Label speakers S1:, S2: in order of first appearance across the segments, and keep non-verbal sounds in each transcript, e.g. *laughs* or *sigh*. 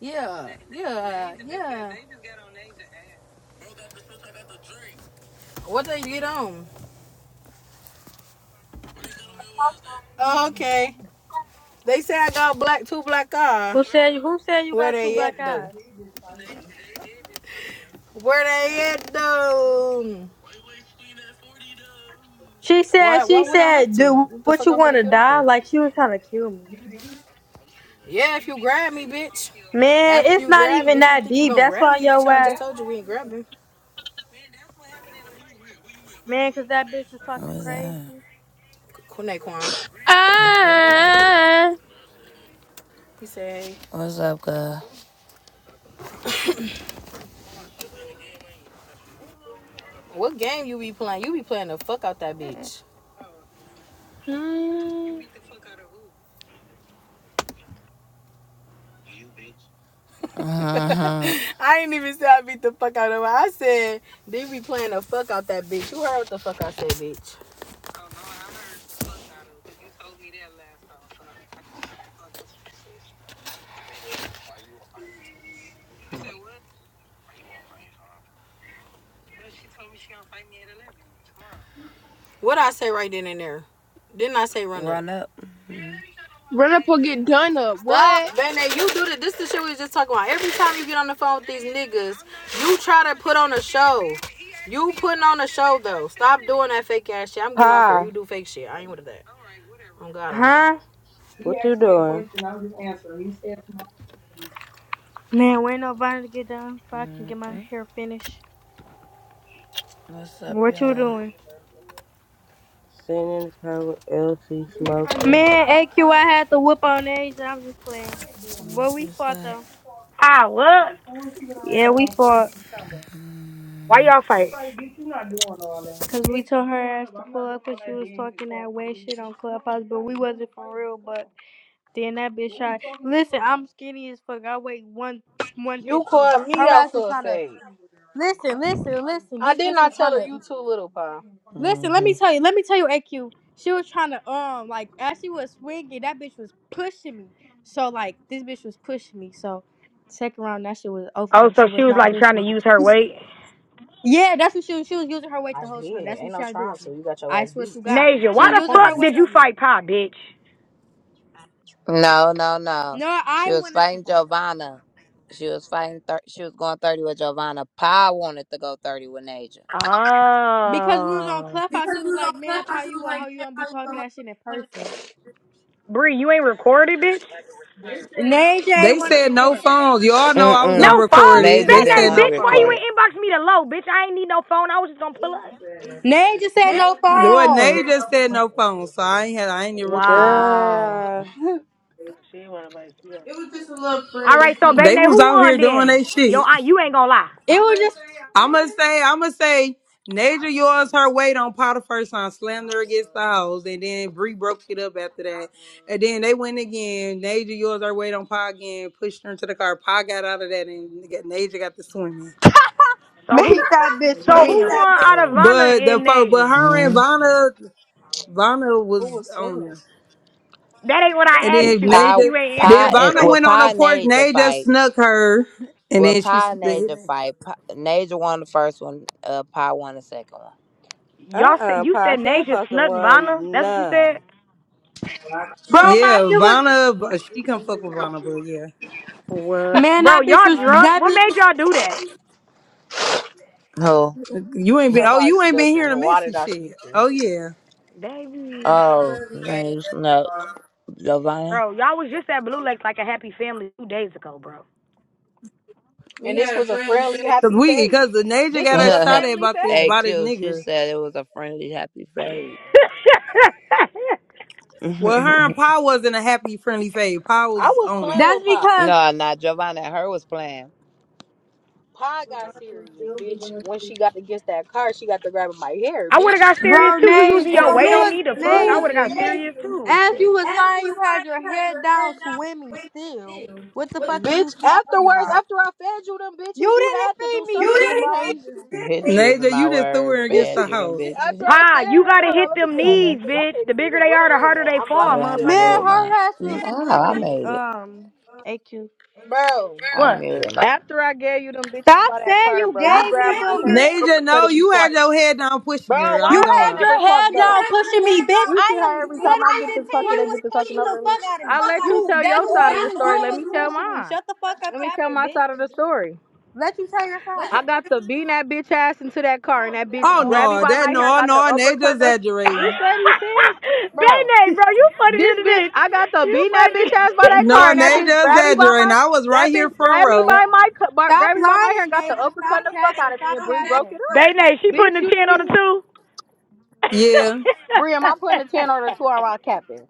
S1: Yeah, yeah. What they get on? Oh, okay. They say I got black two black eye.
S2: Who said who said you
S1: Where
S2: got two
S1: they
S2: black
S1: at
S2: eyes?
S1: though? Where they at though?
S2: She said
S1: Why why
S2: she
S1: would I have
S2: said,
S1: to?
S2: dude,
S1: What the
S2: what
S1: fuck
S2: you
S1: I'm gonna
S2: wanna
S1: kill them
S2: die?
S1: for?
S2: Like she was trying to kill me.
S1: Yeah, if you grab me, bitch.
S2: Man,
S1: After
S2: it's
S1: you
S2: not
S1: grab me,
S2: even
S1: if you
S2: that
S1: think you
S2: deep.
S1: gonna
S2: That's
S1: grab
S2: why
S1: me, bitch,
S2: yo
S1: I just
S2: ass
S1: told you we ain't grabbing.
S2: man, cause that bitch was talking
S1: What's
S2: crazy.
S1: that? Kunaquan. Yeah.
S3: Ah,
S1: He said, hey, What's up, girl? what game you be playing? You be playing the fuck out that bitch.
S3: hmm.
S1: Uh-huh. *laughs* I didn't even say I beat the fuck out of her. I said they be playing the fuck out that bitch. You heard what the fuck I said, bitch. What I say right then and there. Didn't I say run, Run up. up?
S3: Run up or get done up. What?
S1: Stop, Bene. You do the this the shit we was just talking about. Every time you get on the phone with these niggas, you try to put on a show. You putting on a show though. Stop doing that fake ass shit. I'm getting off here.
S4: Pa,
S1: You do fake shit. I ain't with that. Oh God, I'm not.
S2: Huh?
S4: what you doing?
S2: Man, wait nobody to get done so I can get my hair finished. What you doing?
S4: Sitting in the car with Elsie smoking.
S2: Man, A Q. I had to whip on Asia. I'm just playing. Well we fought though.
S5: Ah, what?
S2: Yeah, we fought.
S5: Why y'all fight?
S2: Cause we told her ass to pull up all cause she was talking that way shit on Clubhouse, but we wasn't for real. But then that bitch shot. Listen, i I'm skinny as fuck. I weigh one one
S1: You
S2: fifteen.
S1: called me
S2: Her
S1: out
S2: ass was
S1: for a
S2: trying to
S1: fake.
S2: listen, listen, listen.
S1: I
S2: This
S1: did
S2: bitch
S1: not
S2: was
S1: tell
S2: trying
S1: her
S2: to
S1: you too little, pa.
S2: listen. Let
S1: Mm-hmm.
S2: me tell you. Let me tell you, AQ. She was trying to um like as she was swinging, that bitch was pushing me. So like this bitch was pushing me. So second round, that shit was over
S5: Oh,
S2: with. She
S5: so she
S2: was
S5: was
S2: not
S5: like trying
S2: pushing
S5: to
S2: me.
S5: use her weight.
S2: Yeah, that's what she was. She was using her weight
S1: I
S2: the whole
S1: did.
S2: time. That's
S1: Ain't
S2: what she
S1: no
S2: tried to do
S1: trying
S2: on
S1: to.
S2: me.
S1: You got your
S2: I
S1: ass
S2: swear
S1: beat
S2: to God,
S5: Nasia,
S1: in
S2: she
S5: why
S2: was
S1: that
S5: the
S2: using her
S5: fuck
S1: corner.
S5: did
S2: weight
S5: you
S2: on me.
S5: fight Pop, bitch?
S1: No, no, no.
S2: No,
S1: She
S2: I
S1: was
S2: wanted to
S1: fighting
S2: fight
S1: Giovanna. She was fighting. Thir- she was going thirty with Giovanna. Pa wanted to go thirty with Naja.
S2: because we was on
S5: Oh.
S2: Clubhouse. She was like, "Man, Pa, you a hoe. You don't be talking that shit in person."
S5: Bree, you ain't recorded, bitch?
S2: Naja ain't
S6: They
S2: want to
S6: said no
S2: record.
S6: phones. Y'all know I was
S5: No
S6: gonna
S1: Mm-mm.
S6: record
S5: phone.
S6: it.
S1: Naja
S6: They
S5: That
S1: didn't
S5: ain't,
S6: said
S1: want to
S6: no
S5: bitch. Why you
S6: phone.
S1: record it.
S5: ain't inbox me the low, bitch? I ain't need no phone. I was just gonna pull up.
S2: Naja said no
S6: Well,
S2: phone.
S6: they
S1: I
S6: just said no phone,
S1: just
S6: so I
S1: like,
S6: ain't had I ain't even recorded.
S5: Wow.
S4: Girl.
S6: It was just a little
S5: All right,
S6: friendly
S5: so
S6: people. They
S5: Bene,
S6: was
S5: who
S6: out here
S5: won
S6: doing
S5: then?
S6: their
S5: Yo,
S6: shit.
S5: I, you ain't gonna lie.
S2: It was just
S6: I'ma say, I'ma say, Naja yours her weight on Potiphar's son, slammed her against the house, and then Bree broke it up after that. And then they went again. Naja yours her weight on Pa again, pushed her into the car. Pa got out of that, and got Naja got to swimming.
S5: So who?
S2: make that bitch
S5: So who
S2: win,
S5: won out of Vanna
S6: But the
S5: and
S6: fo- but
S5: Nasia?
S6: her and
S1: Mm-hmm.
S6: Vanna, Vanna was on her.
S5: That ain't what
S6: And
S5: I
S6: then
S5: asked you, bitch.
S1: Pa,
S6: Naja,
S5: You ain't
S6: then
S1: Pa,
S5: answering the
S1: and
S6: Vanna
S1: well,
S5: question.
S6: went on
S1: Pa
S6: the
S1: and
S6: porch.
S1: Naja
S6: Naja
S1: fight.
S6: snuck her, and
S1: Well,
S6: then she,
S1: Pa and Naja
S6: yeah,
S1: fight. Pa, Naja won the first one. Uh, Pa won the second one.
S5: Y'all said
S4: Uh-uh,
S5: you
S4: Pa.
S5: said
S4: She ain't
S5: Naja
S4: supposed to
S5: snuck
S4: want
S5: Vanna. That's what you
S4: none.
S5: said.
S2: bro. My shit was
S6: Vanna, she can fuck with Vanna, but yeah,
S5: What,
S2: man.
S5: bro?
S2: That bitch
S5: Y'all
S2: was
S1: I-
S5: drunk?
S2: that
S5: What made
S2: bitch.
S5: y'all do that,
S1: Who?
S6: you
S1: you
S6: ain't
S1: talking
S6: been. Oh,
S1: about
S6: you ain't been hearing the
S1: Snooker. Why
S6: messy
S1: did I
S6: shit.
S1: sneak her?
S6: Oh yeah,
S5: baby?
S1: Oh, then you know. Lovana?
S5: Bro, y'all was just at Blue Lake like a happy family two days ago, bro. *laughs*
S1: And this was a friendly,
S6: cause
S1: happy
S6: we,
S1: fade.
S6: cause the Naja
S1: This *laughs*
S6: got
S1: was
S6: us
S1: a
S6: shot at
S1: family
S6: about this,
S1: hey, fade.
S6: about this
S1: Q, she
S6: nigga.
S1: said it was a friendly, happy fade. *laughs*
S6: Well, her and
S1: no,
S6: Pa wasn't a happy, friendly phase. Pa
S1: I
S6: was
S1: was
S6: on
S1: playing
S6: it.
S2: That's
S1: with Pop.
S2: because
S1: not Giovanna. Her was playing. Pie got serious, bitch. When she got against that car, she got to grabbing my hair,
S5: I would have
S1: bitch.
S5: got
S1: You
S5: serious
S2: bro,
S1: never
S5: too.
S1: come
S5: You
S1: grab
S5: using
S1: my
S5: your
S2: Naja,
S1: hair.
S2: you
S5: weight on
S2: was
S5: me? The fuck? I would have got
S2: Naja.
S5: serious too.
S2: As you
S5: Shit.
S2: was fine, you had your head down swimming still. What the fuck are you
S1: Bitch,
S2: talking
S1: afterwards,
S2: about?
S1: after I fed you them
S2: You
S1: bitches, you had
S2: didn't
S1: to do
S2: feed me
S1: something to
S2: shit,
S1: survive.
S2: Nation.
S1: Bitch using
S6: Naja,
S1: my
S6: you just threw
S1: word,
S6: her against
S1: fed
S6: the
S1: Bitch, you them *laughs* after
S6: house.
S1: bitches. I
S5: Pa, you
S1: fed her,
S5: gotta
S1: hold on,
S5: hit
S1: let me
S5: them
S1: get out there
S5: knees,
S1: because I
S5: bitch.
S1: can't
S5: The
S1: even
S5: bigger
S1: hear.
S5: they
S1: Where the
S5: are, the
S1: room
S5: harder
S1: at?
S5: they
S1: I'm blocked
S5: fall,
S1: Well, blocking I'm shit
S5: motherfucker.
S1: in
S2: Man,
S5: *laughs*
S1: gonna
S2: her ass
S1: the mute room.
S2: was
S1: my. No, I
S2: swimming.
S1: made it.
S2: Um, AQ.
S1: Bro, I mute.
S7: After I gave you them bitches
S2: Stop
S7: by that
S2: saying
S7: car,
S2: you
S7: bro, you
S2: gave me
S7: grabbed my
S2: them
S7: hair and
S2: bitches.
S6: Naja, no,
S7: uppercutted me
S6: you
S7: twice.
S6: had your head down pushing
S7: Bro,
S6: her. I
S2: You
S7: why
S6: ain't
S7: I
S6: gonna
S7: can't
S2: had
S6: lie.
S7: never
S2: your
S7: talk
S2: head
S7: though?
S2: down pushing me, bitch.
S7: You see
S2: I
S7: how
S2: am
S7: every time I get to
S2: 115.
S7: talking,
S2: You
S7: they
S2: was
S7: get to talking
S2: pushing the
S7: over me.
S2: fuck out of me.
S7: I let you
S2: You
S7: tell your
S2: that's all
S7: side of
S2: you
S7: the
S2: was
S7: story.
S2: doing
S7: Let
S2: was
S7: me tell
S2: pushing me.
S7: mine.
S2: Shut the fuck up,
S7: Let me tell
S2: capping,
S7: my side of
S2: bitch.
S7: the story.
S2: Let you tell your side.
S7: I got to beating that bitch ass into that car, and that bitch
S6: Oh
S7: grabbed me
S6: no,
S7: by
S6: that
S7: my hair and
S6: no,
S7: got the
S6: no, Naja
S7: uppercut. Of, you
S6: exaggerating.
S7: said he says, bro.
S5: Bene, bro, you funny
S7: This
S5: than
S7: bitch,
S5: this.
S7: I got to
S5: You
S7: beating that bitch
S5: funny.
S7: ass by that
S6: No,
S7: car, and
S6: and
S7: that
S6: they
S7: bitch
S5: *laughs*
S6: just
S7: grabbed me
S6: had
S7: by
S6: and
S7: my,
S6: I was
S7: that
S6: right
S7: bitch
S6: here front
S7: grabbed me
S6: row.
S7: by my, cu- by,
S2: Stop
S7: grabbed me by my hair and
S2: lying,
S7: got the
S2: Asia.
S7: uppercut
S2: Stop
S7: the fuck
S2: capping.
S7: out of me,
S2: Stop
S7: and Bree broke
S2: capping.
S7: it
S5: They
S7: up.
S5: nay, she putting
S7: Bitch,
S5: a
S7: you didn't
S5: ten
S7: give
S5: on the
S7: me,
S5: two.
S6: Yeah,
S7: Bree, am I putting the ten or the two or I'm capping?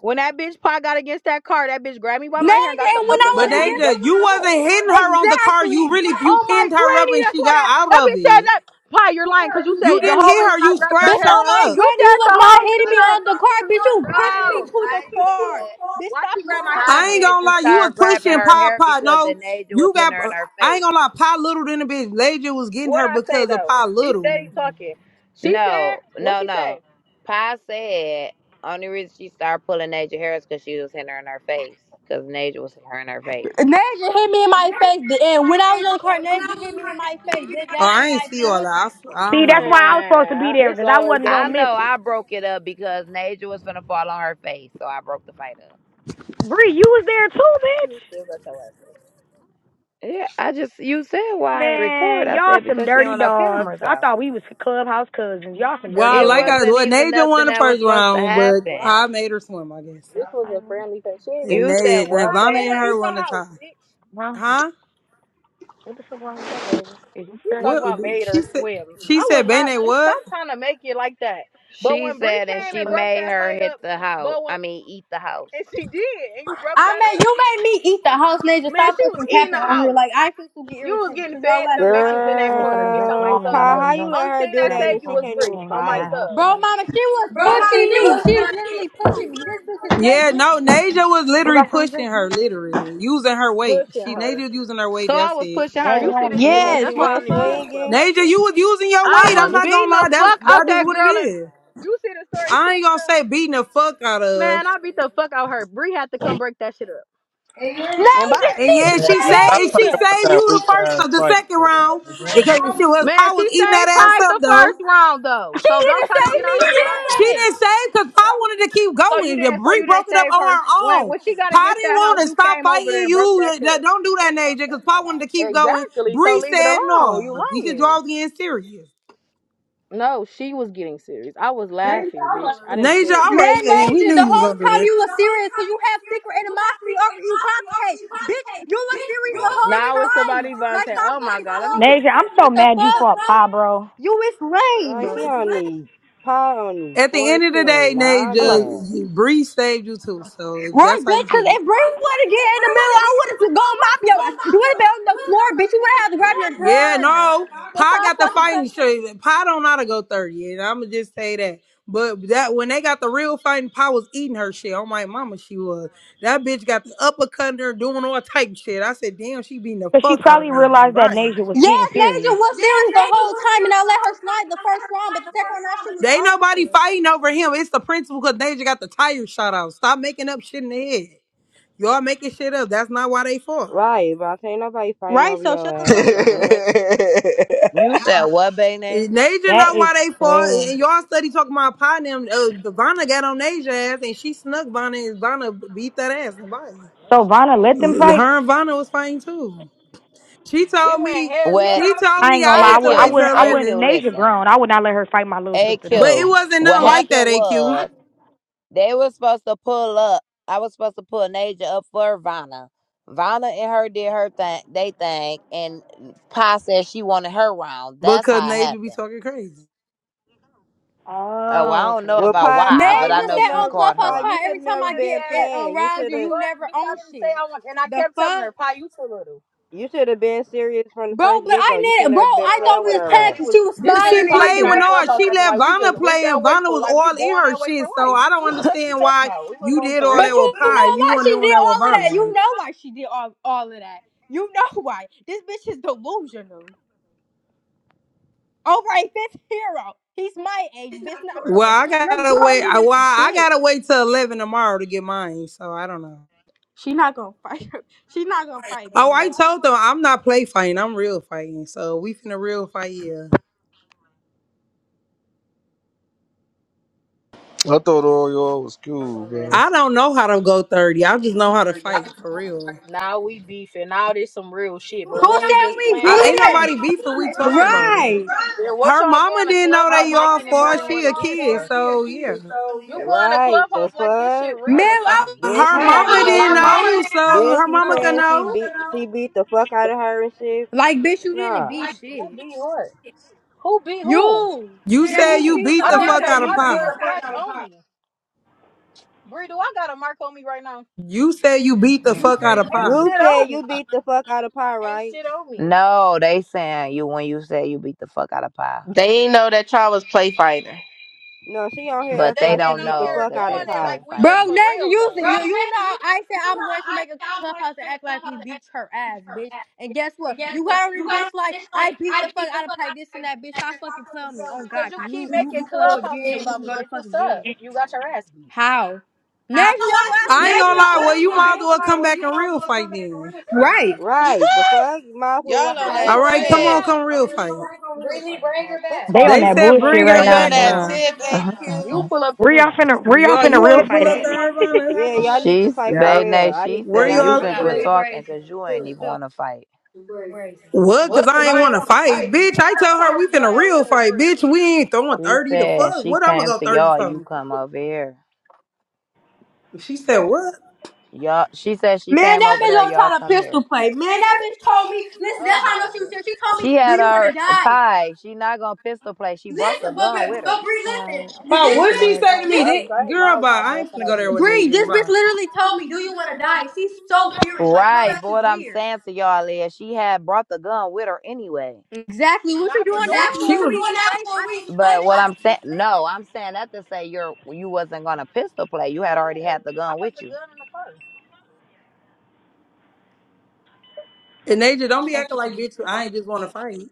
S7: When that bitch pie got against that car, that bitch grabbed me by my hair
S2: Ned,
S7: and got the
S2: and when I
S6: but
S7: uppercut,
S2: was
S7: and
S6: they
S7: you
S2: against
S6: just
S7: broke the
S6: you
S7: shit up.
S6: wasn't hitting her on the car. You
S2: exactly,
S6: really you
S7: Oh my
S6: pinned her up,
S7: granny,
S6: and
S7: that's
S6: she
S7: what
S6: got
S7: that,
S6: out
S7: that
S6: of
S7: bitch said
S6: it.
S7: that. Pie, you're lying because you
S6: You
S7: said the
S6: didn't hit
S7: whole reason
S6: her.
S7: I
S6: You
S7: grabbed your
S2: bitch.
S6: scratched
S7: hair.
S2: Oh
S6: her
S2: my
S6: up.
S7: You
S2: granny, you
S7: said the
S2: was
S7: whole
S2: not hitting
S7: reason
S2: me
S7: I.
S2: on the car, bitch. You pushed me
S7: no.
S2: to the
S7: I
S2: car,
S7: said,
S2: bitch.
S7: why
S2: Stop
S7: she grab my hair? I
S6: I
S2: lying.
S7: said
S6: ain't gonna
S7: she
S6: lie. You was
S7: started grabbing
S6: pushing
S7: her
S6: Pop
S7: hair
S6: Pop.
S7: because
S6: No,
S7: Anaja was
S6: you
S7: hitting
S6: got.
S7: her in her
S6: I ain't
S7: face.
S6: gonna lie. Pop Little than the bitch. Leja was getting
S7: What
S6: her
S7: I say
S6: because of
S7: though?
S6: Pop
S7: She steady
S6: Little.
S7: talking. She said, No, said, what no, she no. say? Pa said only reason she started pulling Naja hair is because she was hitting her in her face. Because Naja was hitting her in her face.
S2: Naja hit me in my face, and when I was on the car, Naja hit me in my face.
S6: Oh,
S2: Then that's
S6: I
S2: when
S6: ain't
S2: I
S6: see all
S2: pulled her.
S6: that.
S2: Shit.
S6: I, I
S5: *laughs* See,
S6: don't
S5: that's
S6: know.
S5: why I was supposed to be
S7: Man,
S5: there
S7: it's
S5: because I
S7: always
S5: wasn't
S7: that. I
S5: gonna
S7: It's
S5: miss
S7: know issue.
S5: it.
S7: I broke it up because Naja was gonna fall on her face, so I broke the fight up.
S5: Bree, you was there
S7: still
S5: too,
S7: got your ass up. Yeah, I just you said
S5: bitch.
S7: why I ain't record.
S5: Man,
S7: I
S5: y'all
S7: said
S5: some
S7: because she ain't
S5: dirty
S7: want no
S5: dogs.
S7: cameras
S5: I
S7: out.
S5: thought we was clubhouse cousins. Y'all some dirty
S6: Well,
S7: It
S6: like
S5: dogs.
S6: I
S7: wasn't
S6: well,
S7: even
S6: Naja
S7: nothing
S6: won the
S7: that was
S6: first
S7: supposed to
S6: round,
S7: happen.
S6: but
S7: Right.
S6: Pop made her swim, I guess.
S7: This
S5: That's
S7: was a
S5: fine.
S7: friendly face. She ain't
S6: And
S7: You said
S6: they,
S7: and what, I
S6: Vonda
S7: made
S6: and
S7: her Bayday?
S6: her
S7: eat the
S6: won the
S7: house,
S6: tie.
S7: bitch.
S5: Well,
S6: Huh?
S5: what the fuck wrong with that, Deja? Is you
S7: We
S5: sure?
S7: talking
S6: What
S7: about made
S6: she
S7: her
S6: said?
S7: swim.
S6: She
S7: I was
S6: said,
S7: not
S6: "Bene,
S7: bitch, stop
S6: what?"
S7: trying to make it like that. But She when Bree said and came she and broke
S5: First,
S7: made that her fight hit up, the house. but when I mean, eat the house. and she did, and you broke
S2: I
S7: that
S2: mean, you made me eat the house, Naja.
S7: Man,
S2: Stop
S7: she was
S2: fucking
S7: eating the
S2: capping on here.
S7: house.
S2: Like I feel to get
S7: You was
S2: irritated
S7: getting
S2: because y'all
S7: fed
S2: was
S7: them bitches
S2: lying.
S7: in
S5: I
S7: that
S5: need
S7: corner,
S5: something to
S7: bitch.
S5: drink.
S7: On my
S4: Girl.
S5: Mom ain't
S7: soul,
S5: got
S7: you
S4: Pa,
S7: was.
S4: how
S5: nothing to
S4: you
S5: drink.
S4: let
S7: Only
S4: her
S7: thing
S5: I
S4: do
S7: that
S5: gotta
S4: that
S5: go
S4: and
S7: saved you
S4: she
S7: was
S5: home.
S4: can't
S7: Bree.
S4: even
S5: You ain't
S7: On
S5: gonna
S7: my
S5: have
S4: fight?
S5: house for
S7: soul.
S2: Bro,
S5: nothing.
S2: mama, she was pushing
S7: Oh,
S2: me.
S7: Bye.
S2: She's literally pushing me. This bitch is way
S6: Yeah, no.
S2: bigger than me.
S6: Naja was
S5: You
S6: literally
S5: got something to
S6: pushing
S5: drink?
S6: her, literally using her weight.
S7: Pushing
S6: She Naja
S7: her.
S6: was using her weight.
S7: So I
S6: That's
S7: was
S6: it.
S7: pushing her.
S5: Yeah, you
S4: So
S7: You
S5: don't
S7: see
S4: she
S5: want
S7: this
S5: to
S7: shit?
S5: tell
S4: so
S5: me?
S4: she
S2: Yes,
S7: That's why
S2: what
S7: I
S2: the
S4: went
S7: don't even do
S2: fuck?
S7: this
S4: swinging?
S7: clubhouse
S6: Naja,
S7: shit.
S6: you was using your
S7: I
S6: weight.
S5: Bro,
S6: I'm
S7: was
S5: this
S6: not gonna
S7: beating the
S6: lie. That's
S7: fuck
S6: that
S7: out
S6: is
S7: that
S6: what it
S7: girl. And
S6: is.
S7: you see the story
S6: I
S7: shit
S6: ain't gonna say
S7: though?
S6: beating the fuck out of.
S7: Man, I beat the fuck out her. Bree had to come break that shit up. And
S2: Naja,
S7: bye.
S6: And
S2: she,
S6: yeah, she said,
S8: Stop
S6: and
S8: talking
S6: she
S2: Naja,
S6: saved
S8: about that
S6: you
S8: weak
S6: the
S8: ass
S6: first, the
S8: fight,
S6: second round
S8: man. Brandon.
S6: because she was.
S7: Man,
S6: I
S7: she
S6: was eating that
S7: saved
S6: ass
S7: Pie the
S6: up though.
S7: first round though.
S2: she
S7: So don't
S2: didn't
S7: try to
S2: save
S7: get on
S2: me
S7: her
S6: She
S7: lying.
S2: shit.
S6: didn't say because Pa wanted to keep
S7: So you
S6: going.
S7: didn't, so
S6: Bree
S7: you didn't
S6: broke it up
S7: save
S6: on
S7: her
S6: her
S7: when
S6: own.
S7: when she got
S6: Pa
S7: against
S6: didn't
S7: that house.
S6: want to
S7: You
S6: stop
S7: came
S6: fighting
S7: over there and broke that
S6: you.
S7: shit
S6: Don't do that, Naja, because Pa
S7: up.
S6: wanted to keep going.
S7: Exactly. So
S6: Bree
S7: leave it
S6: said
S7: alone. You
S6: no. You can
S7: lying.
S6: draw the end serious.
S7: No, she was getting serious. I was laughing, bitch. I didn't
S6: Naja,
S7: care.
S6: all
S2: Man,
S6: right. We
S2: Naja,
S6: knew
S2: the
S6: you was
S2: whole
S6: going to do
S2: time
S6: this.
S2: you were serious because you have secret animosity over Ibate. Bitch, you were serious the whole
S7: Now it's
S2: time.
S7: somebody about
S2: Like,
S7: say,
S2: stop
S7: "Oh my
S2: fucking
S7: god, let me
S2: telling
S7: get."
S2: me.
S5: Deja, I'm so
S2: What the
S5: mad you
S2: fuck?
S5: fought Pa, bro.
S2: You is lame.
S4: Right, she only, Pa only
S6: At the end of the day,
S4: 14.
S6: Nay,
S4: Nah, I'm mad.
S6: just Bree saved you too. So if
S2: Right,
S6: that's how you
S2: bitch, because
S6: put it.
S2: if Brie
S6: right?
S2: would have get
S6: If
S2: in
S6: Bree
S2: the middle,
S6: wanted
S2: I would have to go
S6: wanted
S2: mop
S6: to to
S2: your ass. You would
S6: get in the the middle, I wanted
S2: have
S6: to go and knock him.
S2: been on
S6: you.
S2: the
S6: would
S2: floor,
S6: on
S2: bitch.
S6: the
S2: You
S6: floor.
S2: would have had to
S6: You
S2: grab your
S6: would have- Yeah,
S2: gun.
S6: no.
S2: So
S6: Pa
S2: stop
S6: got the
S2: fucking playing.
S6: fighting straight. Pa don't know how to go 30, and I'ma just say that. But that when they got the real fighting, Pa was eating her shit. Oh my mama, she was. That bitch got the uppercut in her doing all type shit. I said, damn, she beating the
S5: Cause she
S6: fuck out of
S5: probably
S6: Naja.
S5: realized that
S6: Bye.
S5: Nasia was getting
S2: Yes,
S5: serious.
S2: Naja was serious the whole time, and I let her slide the first round, but the second round that shit was
S6: They ain't nobody
S2: over with.
S6: fighting over him. It's the principal because they got the tires shot out. Stop making up shit in the head. Y'all making shit up. That's not why they fought.
S4: Right, but I ain't nobody fighting
S2: Right,
S4: over
S2: so
S4: your
S2: shut
S9: *laughs*
S2: the
S9: I
S4: ass.
S2: fuck
S4: The
S2: up,
S6: Right.
S2: bitch.
S4: fuck?
S1: You said what,
S6: And
S1: Bane?
S6: Naja
S5: That
S6: know
S5: is
S6: why they fought. Eh,
S5: crazy.
S6: And y'all study talking about pie and them. Uh, Vanna got on Naja ass and she snuck Vanna and Vanna beat that ass and body.
S1: no,
S5: So
S1: she
S5: Vanna let
S1: didn't.
S5: them fight.
S6: Her and Vanna was fighting too. She
S1: We
S6: told
S1: went
S6: me,
S1: heads What? up.
S6: she told
S5: I
S6: me
S5: ain't gonna
S6: I
S5: lie. I
S6: had to
S5: would. I
S6: wait
S1: AQ,
S6: till
S5: wouldn't. I wouldn't.
S1: AQ,
S6: 11.
S5: Nasia
S1: listen.
S5: grown. I would not let her fight my little sister
S6: But
S5: though.
S6: it
S1: AQ,
S6: wasn't
S1: what
S6: nothing
S5: What?
S6: like that,
S1: happened was.
S6: AQ,
S1: They were supposed to pull up. I was supposed to pull Naja up for Vanna. Vanna and her did her thing, they thing, and Pa said she wanted her round. That's
S6: because
S1: how it
S6: Naja be
S1: happened.
S6: talking crazy.
S1: Oh, well,
S5: Oh,
S1: I don't
S5: okay,
S1: know
S4: Well,
S5: okay.
S1: about
S4: Pa,
S1: why,
S4: Pa,
S1: but I
S4: you
S2: Naja
S1: know
S4: should
S2: said
S1: she
S2: on
S4: never,
S1: called
S2: Clubhouse
S1: her
S4: Pa,
S1: out.
S4: you
S2: Pod,
S1: She
S4: should
S1: said
S2: every
S1: she
S2: time
S4: never
S2: I
S1: wanted
S2: get
S4: been
S2: in,
S1: that. that
S4: playing. You
S1: that What
S2: around
S4: should
S2: you,
S1: the
S4: have
S2: you
S1: fuck,
S2: never
S1: bitch! bitch. bitch. I I I
S2: own
S1: didn't wasn't say
S2: shit.
S1: I want. And I
S2: The
S1: kept telling
S2: fuck?
S1: her, Pa, Pa you you too little.
S4: You should have been serious from the
S2: Bro,
S4: first
S2: but
S4: get go. You
S2: I
S4: should
S2: need bro,
S4: never been
S2: I
S1: Girl,
S2: thought
S4: playing
S2: we
S4: with
S2: was
S1: like
S4: her
S1: like like
S2: playing
S1: we
S4: ass.
S2: because
S1: we we we was
S2: she was
S1: this
S6: She
S1: bitch.
S2: smiling and
S1: Pa
S6: played
S1: get
S2: shit.
S6: with
S1: on
S6: her.
S1: clubhouse
S6: She
S1: acting
S6: let
S1: like we
S6: Vanna
S1: just went
S6: play,
S1: way
S6: and
S1: way
S6: Vanna
S1: for for for
S6: was
S1: life,
S6: all in her shit. So I
S1: bitch.
S6: don't
S1: What the fuck you
S6: understand
S1: talking
S6: why
S1: about? We
S6: you
S1: wasn't even
S6: did
S1: for
S6: all that
S2: But
S1: real.
S6: with
S2: you
S6: Pie.
S2: know
S6: You
S2: why
S6: weren't
S2: she
S6: doing
S2: did
S6: that with
S2: all of that.
S6: Vanna.
S2: You know why she did all, all of that. You know *laughs* why. This bitch is delusional. All right, fifth hero. He's my age, bitch, not
S6: Well,
S2: yours.
S6: I
S2: You're
S6: gotta wait.
S2: grown in
S6: I-
S2: the
S6: Well, I
S2: bitch.
S6: gotta wait till eleven tomorrow to get mine. So I don't know.
S2: She not gonna fight. her. She not gonna fight Baby
S6: Oh, I
S2: Nate.
S6: told them I'm not play fighting. I'm real fighting. So we finna real fight. Yeah.
S9: thought all y'all was cool, man.
S6: I don't know how to go thirty. I just know how to
S10: Her
S6: fight for
S10: right
S6: real.
S1: Now we beefing. Now there's some real shit. But
S2: Who
S1: when
S2: said
S1: we just
S2: we
S1: playing
S6: I ain't
S1: though,
S2: beefing?
S6: nobody beefing. We talking about it.
S2: Right.
S1: then what
S6: Her
S1: y'all
S6: mama
S1: going to
S6: didn't know
S1: clubhouse
S6: they
S10: mama
S6: all
S1: making it
S10: didn't
S1: more
S6: for.
S10: know
S1: than
S10: that
S6: She
S1: what
S6: a
S1: it
S10: y'all
S1: is
S6: kid.
S10: far
S1: for?
S10: she a
S6: So yeah.
S10: kid, so
S1: You
S10: yeah.
S1: going to
S4: Right? The
S1: clubhouse like this shit
S4: fuck?
S2: Man,
S1: real or
S2: I
S6: Uh,
S1: something?
S2: was
S4: Then
S2: just
S10: Her,
S6: her
S4: she
S10: Man,
S2: playing
S10: why
S4: talking
S6: mama
S10: would
S2: you.
S10: her
S4: about
S6: didn't
S10: you
S4: she.
S10: mama
S6: know,
S10: say- didn't know,
S6: so
S4: Then
S6: her
S4: she
S10: so
S6: mama can
S4: saying
S10: her
S4: she
S6: know.
S10: mama
S4: beat
S10: didn't know
S4: she beat the fuck out of her and shit.
S2: Like, bitch, you didn't
S4: Nah.
S2: beat
S1: Ain't- Who
S2: shit.
S1: be what? Who be who?
S2: You
S6: You
S2: said
S6: said
S2: you
S10: You,
S6: you
S2: beat
S6: beat
S2: the
S1: I
S6: the
S1: don't
S10: you
S2: fuck
S10: Then
S1: have
S6: fuck
S1: a
S2: out
S10: say
S6: out
S2: of
S6: of
S2: me.
S10: you
S1: mark
S10: beat
S1: or a
S10: the
S6: pie.
S10: fuck
S1: scratch
S10: out of
S1: on
S10: pop.
S1: me. Bree, do I got a mark on me right now?
S6: You said you beat the
S10: You
S6: fuck out
S10: say
S1: Mm-mm.
S10: you,
S6: of
S1: Ain't
S6: pie.
S1: shit
S4: You said
S1: on me.
S4: you beat the fuck out of pie,
S1: Ain't
S4: right?
S1: shit on me. No, they saying you when you say you beat the fuck out of pie,
S10: They ain't know that y'all was play fighting.
S4: No, she on
S1: But
S4: here
S1: but they
S4: acting
S1: they
S4: like
S1: been
S4: she
S1: don't on
S4: beat
S1: know
S4: the
S1: here
S4: fuck
S1: that doing
S4: out of
S1: that's it
S4: pie.
S1: like fake we just fighting.
S2: Bro,
S1: for
S2: Nation,
S1: real
S2: you,
S1: though.
S10: bro,
S2: you,
S10: Nathan,
S2: you know,
S10: you,
S2: I said
S10: you know
S2: I'm going to
S10: I
S2: make a
S10: I was
S2: clubhouse and
S10: like a
S2: act like we
S10: clubhouse to
S2: beat
S10: actually
S2: her
S10: beat
S2: ass,
S10: her
S2: bitch.
S10: ass.
S2: And guess
S10: And
S2: what?
S10: guess
S2: You
S10: what?
S2: got
S10: You
S2: on this
S10: gotta
S2: bitch like,
S10: finish like
S2: I beat
S10: I
S2: the fuck
S10: beat the
S2: out
S10: fuck
S2: of
S10: out
S2: Pike, this and
S10: of her.
S2: that, bitch.
S10: And
S2: Stop
S10: then
S2: fucking
S10: pop up and
S2: playing me.
S10: tell me,
S2: Oh,
S10: oh
S1: Cause
S2: God,
S1: you
S2: because
S10: god,
S1: keep
S2: you,
S10: you
S2: you can
S1: making
S2: pull up
S1: clubhouses
S2: again.
S10: you
S2: We
S1: about
S2: can
S1: me,
S2: go
S10: fucking
S2: to
S1: bitch.
S2: fuck
S1: What's up?
S2: again.
S1: You got your ass beat.
S2: How? Nash, your
S10: damn,
S2: ass
S6: I
S10: Now
S6: ain't
S10: you
S6: gonna
S1: The
S2: literally
S6: lie.
S1: fuck?
S6: Well,
S10: know
S6: you
S2: swimming,
S10: what? I
S6: might as
S10: ain't gonna
S6: well
S2: bitch.
S10: lie.
S6: come
S10: Well,
S6: back
S10: you
S6: and
S10: might as
S6: real
S10: well come
S6: fight
S10: back and
S6: then.
S10: real fight
S2: Right.
S10: then.
S4: Right? The fuck? You Might as well
S10: Y'all
S4: wa-
S10: on Brittany,
S4: fight
S6: All
S10: that
S4: for
S10: bring her
S6: right, come
S10: tip.
S6: on,
S4: real.
S10: back.
S6: come real
S10: All right,
S6: fight.
S10: come on, come real Brittany, fight. bring
S1: Man,
S10: her
S1: quit
S10: back.
S5: They on
S6: They
S1: talking.
S5: that
S1: You ain't
S6: said
S1: even want
S5: bullshit
S1: to
S6: bring
S10: They
S5: right
S6: her
S10: They
S1: fight.
S10: on said
S5: now,
S6: back
S10: that bring
S5: bro.
S6: now.
S10: tip, her tip,
S1: Uh,
S10: back now. AQ.
S1: uh, You uh.
S10: Yo,
S1: pull up to
S5: Where
S1: me
S5: y'all
S1: now.
S5: finna? Where y'all
S6: Y'all,
S5: finna
S6: you
S4: Yeah,
S6: want
S5: real
S6: to
S4: cause
S6: pull
S5: fight
S6: up to
S10: you
S4: she.
S10: want to put us
S5: at? *laughs*
S6: Hervana?
S10: in
S4: Yeah,
S10: Arizona?
S4: y'all need to
S1: She's
S4: fight
S10: Yeah.
S4: for
S1: Bay
S4: real.
S1: Nay,
S4: I need
S1: she
S6: Where
S4: and
S1: said
S4: I
S10: I
S1: you
S4: need
S6: y'all?
S4: to
S1: can
S4: be
S10: got
S1: quit
S10: two
S4: there.
S1: talking
S10: braids left.
S1: because you ain't even
S10: Two,
S1: want to fight.
S10: two braids left.
S6: What? Cause
S10: what? Cause
S6: I ain't
S10: I
S6: want
S10: ain't
S6: to
S10: want to
S6: fight,
S10: fight.
S6: bitch.
S1: And
S10: Bitch,
S6: I
S10: I
S1: I
S6: tell
S10: told
S6: her
S1: told
S10: her
S6: we
S1: you
S10: we
S1: go
S10: can
S6: finna
S1: that way
S6: real
S10: real
S1: with
S6: fight,
S10: fight.
S1: Bree.
S10: Bitch,
S6: bitch. We
S10: she's
S6: ain't
S10: going
S6: throwing
S1: She
S6: thirty
S10: 30
S6: to
S10: to
S1: said
S10: fuck.
S6: fuck.
S1: she
S10: What
S6: What
S10: I'm
S6: I'ma
S10: gonna
S1: came
S6: go
S10: go
S1: to
S10: 30
S6: thirty
S1: y'all,
S10: from?
S1: you
S6: for?
S1: come over here.
S6: She
S10: She
S6: said
S10: said, what?
S6: what?
S1: Y'all she said she
S10: Man,
S2: Man,
S1: came
S2: that
S10: what
S1: over
S2: bitch
S10: is
S1: there,
S10: on
S2: don't
S1: y'all
S2: try to
S1: come here.
S2: pistol
S10: politician
S2: play.
S10: face?
S2: Man,
S10: Man,
S2: that
S10: that bitch
S2: bitch told
S10: told
S2: me.
S10: me,
S2: Listen,
S10: that's
S2: that's
S1: Oh
S2: how I
S1: my
S2: know
S10: how she,
S2: she was
S1: god.
S2: serious. She
S10: she
S2: told
S10: told
S2: me,
S10: me,
S1: She
S2: "Do
S10: do
S1: had
S2: you
S10: you
S2: want
S10: want
S2: to
S1: her
S10: to die?
S2: die?"
S1: pie. She not gonna pistol play. She brought the
S2: Listen,
S10: Listen,
S2: but
S10: but,
S2: but
S1: gun with
S10: but,
S1: her.
S2: but
S10: but
S2: Bree,
S10: Bree,
S2: listen.
S5: Uh,
S10: listen.
S1: I was
S2: Th-
S10: Oh,
S6: But
S2: This
S10: what
S5: just
S1: riding
S5: a
S6: what
S10: did
S1: with
S10: man,
S6: she
S10: she
S5: bag.
S1: my
S10: say
S6: say
S1: gun
S6: to
S10: to me?
S6: me?
S2: bitch, this
S1: regardless.
S6: That
S1: I ain't
S6: girl,
S10: Girl,
S1: riding with
S6: bye.
S10: bye.
S1: my
S6: I
S10: I
S1: gun
S10: need
S6: ain't
S1: for
S10: to
S6: finna
S1: no
S6: go
S10: go
S6: there
S10: there with
S6: with
S1: bitching.
S10: Bree,
S2: Bree,
S10: this
S6: Nathan.
S10: you.
S2: this
S6: Bye.
S2: bitch
S10: man
S2: literally told
S10: told
S2: me,
S10: me,
S2: "Do
S10: do you
S2: you want
S10: want
S2: to
S10: to die?
S2: die?"
S10: He's
S2: She's
S10: so
S2: so serious.
S10: furious.
S2: Like
S10: Like,
S2: her
S10: her
S1: Right,
S2: ass
S1: but
S10: ass
S2: is
S1: what I'm
S2: weird.
S1: saying to y'all is she had brought the gun with her anyway.
S2: Exactly. What you
S1: Not for
S10: is
S2: doing
S1: y'all.
S2: that
S10: exactly. We
S6: She
S2: for?
S10: were
S6: was.
S2: We
S10: going out
S2: play.
S10: for
S2: I
S10: a
S2: thought
S10: week.
S2: we was
S10: Like,
S1: But
S2: safe.
S10: I
S1: what I'm
S2: fighting.
S1: saying, no, I'm saying that to say you're you wasn't gonna pistol play. You had already Yeah, had the I gun put with put the you. gun in the car.
S10: And
S6: now.
S10: they
S6: And Naja, don't be
S10: don't
S5: Thank
S10: act
S6: acting
S5: you.
S6: like
S10: like you.
S6: bitch.
S10: I
S6: I ain't
S10: ain't
S6: just want to
S10: gonna
S6: fight.
S10: fight.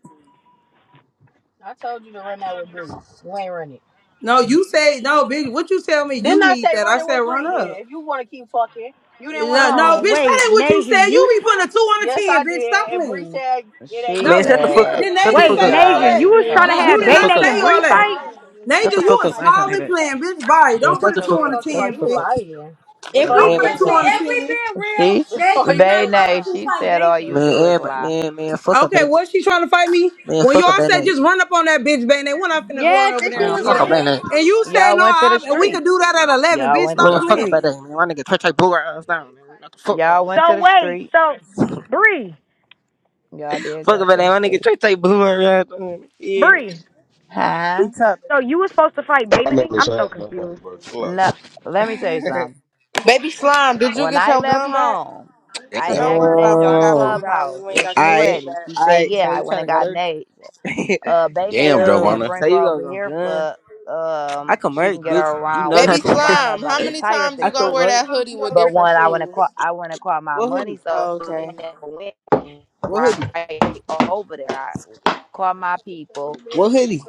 S1: I told you to run that with Bree. You ain't run it.
S6: No,
S10: No, you
S6: you say
S10: said
S6: no,
S10: no,
S6: bitch.
S10: bitch.
S6: What
S10: What you
S6: you tell
S10: tell me
S6: me?
S1: Didn't
S6: You
S10: you
S1: I
S10: need
S6: need
S1: say
S10: that?
S6: that.
S1: run
S6: I
S10: I
S1: it
S6: said
S10: said
S1: with
S10: why
S6: run
S1: Bree?
S10: not?
S6: up.
S1: Then if you want to keep fucking, you didn't
S10: He's
S1: want
S5: Hold
S1: to
S6: No,
S10: like,
S6: no,
S10: no,
S1: run
S5: on.
S1: it.
S10: bitch,
S6: bitch.
S10: tell
S6: That
S5: Wait,
S10: me
S6: ain't what
S10: what you
S6: you said.
S5: Nasia,
S10: said. You
S5: you.
S6: You
S10: be
S6: be putting
S10: putting
S6: a
S10: a two
S6: two
S10: on
S6: on
S10: a
S6: a
S1: Yes,
S10: ten.
S1: I
S6: ten, bitch.
S1: did.
S6: Stop
S10: Stop
S1: And Bree
S10: playing.
S6: playing.
S1: said it She
S11: Man,
S6: No,
S1: blah
S10: No,
S11: shut the
S10: did,
S6: did,
S11: fuck
S1: said
S11: up.
S6: did
S10: did
S11: Shut
S10: they
S1: blah.
S11: the
S6: Naja
S10: just
S11: fuck
S5: Wait,
S1: we The
S10: say
S6: say
S11: up.
S1: first
S10: all
S6: all
S5: Nasia,
S10: that?
S6: that?
S1: already
S5: you
S1: thing
S5: was
S6: Well,
S5: trying
S1: talked
S5: to
S1: I
S6: did-
S1: said,
S10: no,
S6: You
S5: have
S10: You did
S11: Shut
S6: did
S11: the
S5: Bayne
S6: not
S1: about
S10: not
S11: fuck up.
S10: say
S6: say
S5: and
S1: right,
S10: all
S6: all
S5: Bree
S10: that.
S1: that.
S6: that.
S5: fight.
S10: smiling.
S1: exactly. And
S6: Naja,
S11: Shut
S1: then
S11: the
S10: Nathan,
S1: that's
S10: you
S6: you
S11: fuck
S6: a
S1: when
S10: a
S11: up.
S1: I
S11: I ain't trying
S1: said
S11: to
S10: small
S11: hear
S1: we
S6: smiling
S10: and
S11: that.
S1: could fight.
S6: playing,
S10: playing
S6: bitch.
S10: bitch.
S6: Bye.
S10: Bye.
S11: Man,
S6: Don't
S10: Don't
S6: put
S10: put
S1: What
S11: shut
S6: a
S11: the
S10: a
S1: you
S6: two
S10: two
S1: be
S11: fuck
S10: so
S6: on
S10: on
S11: up.
S6: a
S10: a
S1: talking
S10: ten.
S11: Shut the
S1: about?
S6: ten,
S1: You
S11: fuck up.
S6: bitch.
S1: lying. That's
S2: If
S11: Man,
S1: all
S2: we
S1: you
S2: if
S6: Don't
S10: Don't
S6: put
S1: do
S6: a
S11: everybody
S10: put
S1: is
S6: two
S10: two
S2: we
S11: shut
S1: lie.
S6: on
S11: the
S6: the
S11: fuck
S2: if
S10: on the
S11: up.
S2: we
S6: ten.
S2: being real,
S1: She, *laughs* That's
S2: Naja
S1: all you do
S2: was
S1: Bay
S2: not
S1: is
S2: trying
S1: Nay,
S2: to
S1: lie.
S2: two
S1: she
S2: fight
S10: team.
S1: said all
S2: Baby.
S1: you
S11: Man,
S1: do is
S11: everybody.
S1: lie.
S11: Man, man, fuck up that
S6: Okay,
S11: nigga.
S6: was she trying to fight me?
S11: Man,
S6: When
S11: fuck up
S6: y'all
S11: that
S6: said
S1: Watch
S11: nigga.
S6: just run up on that bitch, bang, they went up finna
S2: Yes,
S6: go over
S2: and she
S6: there
S11: Man,
S6: and
S2: was
S6: get
S11: fuck up
S2: like,
S6: on
S11: that
S6: it.
S11: nigga.
S6: And you
S1: out.
S6: said
S1: Y'all
S6: no,
S1: went to
S6: I,
S1: the
S6: we could
S1: street.
S6: do that at eleven.
S1: Y'all
S6: Bitch,
S1: went to
S6: stop
S1: the
S11: Man, fuck up that
S1: street.
S6: playing.
S11: nigga. Man, my nigga Trey Trey blew her ass down. Man, what the fuck going
S1: Y'all
S11: on?
S5: So
S1: went to the
S5: wait.
S1: street.
S5: So Bree,
S1: Y'all did
S11: Fuck
S1: go
S11: up that
S1: to
S11: nigga.
S1: the
S11: My nigga
S1: street.
S11: Trey Trey blew her ass down. Yeah.
S5: Bree.
S11: We
S1: Huh?
S11: top.
S5: So you was supposed to fight
S12: I
S5: Bane?
S12: never
S5: I'm so
S12: had nobody,
S5: confused.
S12: bro. Chill
S1: No,
S12: out.
S1: let me tell you
S11: *laughs*
S1: something.
S10: Baby Slime, did you
S1: When
S10: get
S1: I
S10: your
S1: left
S10: gun back?
S1: home,
S10: So
S1: I
S11: Damn.
S12: Damn.
S10: don't
S1: asked
S10: worry about
S1: Naja
S10: who
S1: on
S10: got blued
S11: Alright.
S10: out and
S1: Clubhouse,
S10: you ain't
S1: was
S10: got
S1: she
S10: your shit
S1: ready?
S10: back.
S1: She said,
S11: Alright.
S1: yeah.
S11: So
S1: I
S11: you
S1: went
S11: trying to
S1: and
S11: go
S1: got
S11: there?
S1: Nate.
S11: *laughs*
S1: Uh, Bay Nay and
S12: Damn,
S1: them said,
S12: Giovanna.
S11: Damn. So
S1: bring her
S11: you gonna
S1: over
S11: go
S1: here
S11: gun?
S1: for
S11: I
S1: um,
S11: can
S1: she
S11: merch,
S1: can get her
S11: bitch. You
S1: around
S11: know
S10: Baby
S1: with
S11: nothing.
S1: Giovanna
S10: Slime,
S11: *laughs*
S10: how
S1: about the
S10: many
S1: tire
S10: times
S11: I
S10: you gonna
S11: can
S10: wear
S11: merch.
S1: situation.
S10: that hoodie with
S1: But
S10: different
S1: when I went to
S10: shoes?
S1: call, I went to call my
S11: What
S1: money,
S11: hoodie?
S1: so
S10: Oh,
S1: we
S10: okay.
S1: never went
S11: What hoodie?
S1: right over there. I called my people.
S11: What hoodie?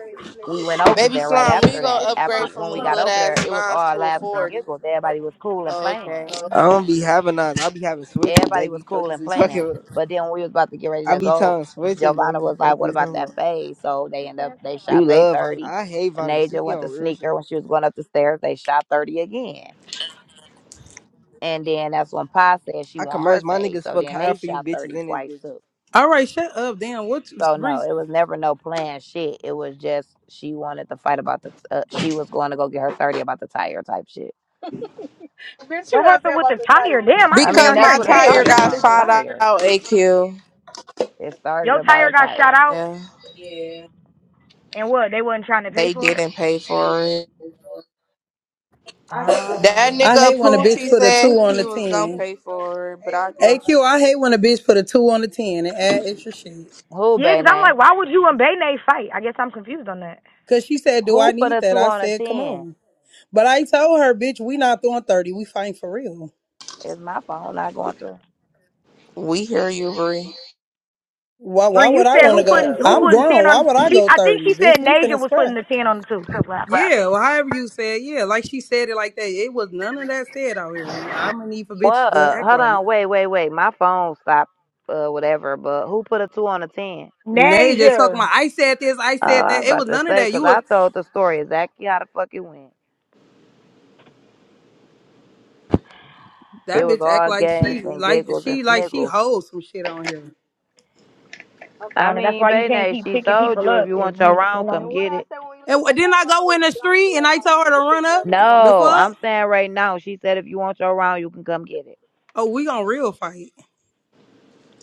S1: We went over
S10: Baby
S1: there right
S10: Slime, when you
S1: after
S10: gonna
S1: that. After
S10: upgrade from
S1: when we got
S10: little
S1: over
S10: ass
S1: there, it was
S10: nines
S1: all
S10: to a
S1: laughs and
S10: 40?
S1: giggles. Everybody was cool and
S10: Oh,
S1: playing.
S10: okay.
S11: I don't be having those. I be having switches,
S1: Everybody was
S11: baby. Fuck
S1: cool
S11: is
S1: and
S11: you *laughs* talking
S1: playing.
S11: about?
S1: But then when we was about to get ready
S11: I
S1: to
S11: be
S1: go,
S11: telling switches,
S1: Giovanna
S11: baby.
S1: was
S11: Fuck
S1: like, What
S11: you
S1: about
S11: talking
S1: that
S11: about?
S1: fade? So they end up they
S11: You
S1: shot they
S11: love violence.
S1: thirty.
S11: I hate violence. You
S1: Naja
S11: be
S1: went
S11: on
S1: to
S11: real
S1: sneaker
S11: shit.
S1: when she was going up the stairs, they shot thirty again. And then that's when Pa said she
S11: I can
S1: want
S11: merch.
S1: her
S11: My
S1: fade.
S11: niggas
S1: So
S11: fuck
S1: then
S11: high
S1: they
S11: for you
S1: shot
S11: bitches
S1: thirty
S11: in this
S1: twice
S11: bitch.
S1: too.
S6: All right, shut up. Damn, what?
S1: So no,
S6: Bree-
S1: it was never no planned shit. It was just she wanted to fight about the. Uh, she was going to go get her thirty about the tire type shit. Bitch, you
S5: What
S1: know what I'm saying
S5: happened with
S1: about
S5: the
S1: the
S5: tire?
S1: tire.
S5: Damn, I
S1: I
S5: ain't been
S1: mean,
S10: Because
S5: on here
S1: that's
S10: my
S5: in
S1: what it
S10: tire
S5: days.
S1: started
S5: That's
S10: got
S1: from a
S5: stupid.
S10: shot out,
S1: tire.
S10: AQ.
S1: It started
S5: Your tire
S1: about a
S5: got shot
S1: tire.
S5: out,
S10: Yeah,
S5: and what? They wasn't trying to pay
S10: they
S5: for it.
S10: didn't pay for it. That
S5: Oh.
S6: I
S10: nigga
S6: hate when a bitch
S10: Poochie
S6: put a two
S10: said
S6: on
S10: he
S6: the
S10: was gonna
S6: ten.
S10: pay for it, but I guess
S6: AQ, I hate when a bitch put a two on the ten and add extra shit.
S1: Who,
S5: Yeah, because I'm
S1: Bene?
S5: like, why would you and Bane fight? I guess I'm confused on that.
S6: Cause she said, "Do I
S1: Who put
S6: need
S1: a
S6: that?"
S1: two
S6: I
S1: on a
S6: said, "Come
S1: ten?
S6: on." But I told her, "Bitch, we not throwing thirty. We fighting for real."
S1: Is my phone not going through?
S10: we hear you, Bree.
S6: Why why
S7: It
S5: Bree, you
S6: would
S7: just
S6: I
S5: said who
S6: wanna
S7: said
S6: go?
S5: putting
S7: uh,
S5: who
S7: low
S6: I'm
S5: putting
S7: thing.
S6: grown.
S5: ten
S6: Why
S5: on?
S6: would I
S5: She,
S6: go
S5: I think
S6: 30?
S5: she
S6: Bitch,
S5: said
S6: we
S5: Nasia
S6: finna
S5: was
S6: scrap.
S5: putting the ten on the two. That's what I think.
S6: Yeah, well, however you said, yeah, like she said it like that. It was none of that said out here. And I'm gonna need for bitches
S7: What?
S6: to act
S7: Hold
S6: like.
S7: on. Wait, wait, wait. My phone stopped, uh, whatever, but who put a two on a 10?
S6: Nay, just talking
S5: Nasia.
S6: about I said this, I
S7: Oh,
S6: said
S7: I
S6: that. It was
S7: about to
S6: none of
S7: say,
S6: that.
S7: because
S6: You was
S7: I told the story exactly how the fuck it went. It
S6: that
S7: was
S6: bitch act
S7: all
S6: like
S7: games
S6: she
S10: Okay.
S7: and
S6: like
S7: giggles and
S6: she like she
S7: sniggles.
S6: holds some shit on here.
S7: Okay. I
S5: Bonnie, that's
S7: mean,
S5: why you can't
S7: Bayne,
S5: keep
S7: she
S5: picking
S7: told
S5: people
S7: you if
S5: up
S7: you
S5: if
S7: want your
S5: you, you
S7: round,
S5: know.
S7: And come And what get I it. said when we leave,
S6: And
S7: all
S6: wh- didn't
S7: y'all
S6: I
S7: gonna
S6: go
S7: do is
S6: in the
S7: get on
S6: street and I
S7: Clubhouse
S6: told
S7: and
S6: her to
S7: make it
S6: run
S7: more
S6: up?
S7: known.
S6: The
S7: No,
S6: fuck?
S7: I'm saying right now. She said if you want your round, you can come get it.
S6: Oh, we gonna real fight.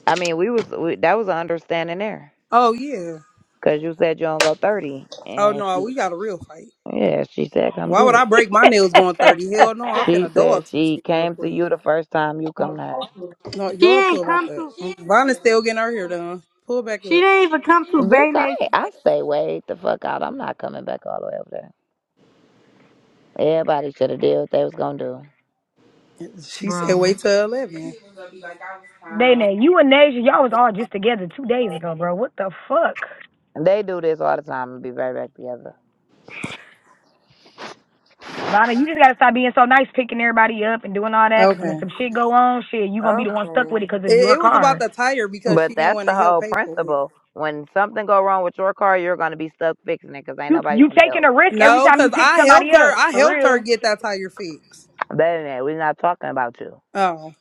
S7: I mean, we was we, that was an understanding there
S6: Oh yeah.
S7: because you said you don't go thirty,
S6: Oh
S7: and she
S6: no,
S7: was
S6: we got a real fight.
S7: yeah. She said come
S6: Why
S7: get
S6: would
S7: it.
S6: I break my nails going 30? Hell no,
S5: *laughs*
S6: I'm
S7: She *laughs*
S6: finna
S7: said
S6: dog some
S7: she
S6: shit real
S7: came to
S6: quick.
S7: you the first time you come to her.
S6: No,
S2: she
S6: y'all
S2: ain't
S6: pull back
S2: come
S6: up.
S2: to,
S6: Bonnie's still getting her hair done. Pull back
S2: she
S6: up.
S2: didn't even come to
S7: Bitch,
S2: Bay
S7: I
S2: Nation.
S7: ain't, I stay way the fuck out. I'm not coming back all the way over there. Everybody should have did what they was gonna do.
S6: She said
S5: Bro.
S6: wait till 11.
S5: Bene, you and Nasia, y'all was all just together two days ago, bro. What the fuck?
S7: And They do this all the time and be right back together.
S5: Bana, you just gotta stop being so nice, picking everybody up and doing all that. Cause when
S6: Okay.
S5: some shit go on, shit, you gonna be the one stuck with it 'cause
S6: It,
S5: it's your
S6: it was about
S5: car.
S6: the tire because
S7: But
S6: she didn't
S7: that's
S6: want
S7: the
S6: to help
S7: whole
S6: pay for it.
S7: principle. When something go wrong with your car, you're gonna be stuck fixing it, cause ain't
S5: You
S7: nobody
S5: you
S7: finna
S5: taking
S7: help.
S5: a risk every
S6: No,
S5: time
S6: because
S5: you pick
S6: I helped
S5: somebody
S6: her.
S5: up.
S6: I
S5: For real.
S6: helped her get that tire fixed.
S7: Better than that, we're not talking about you.
S6: Oh,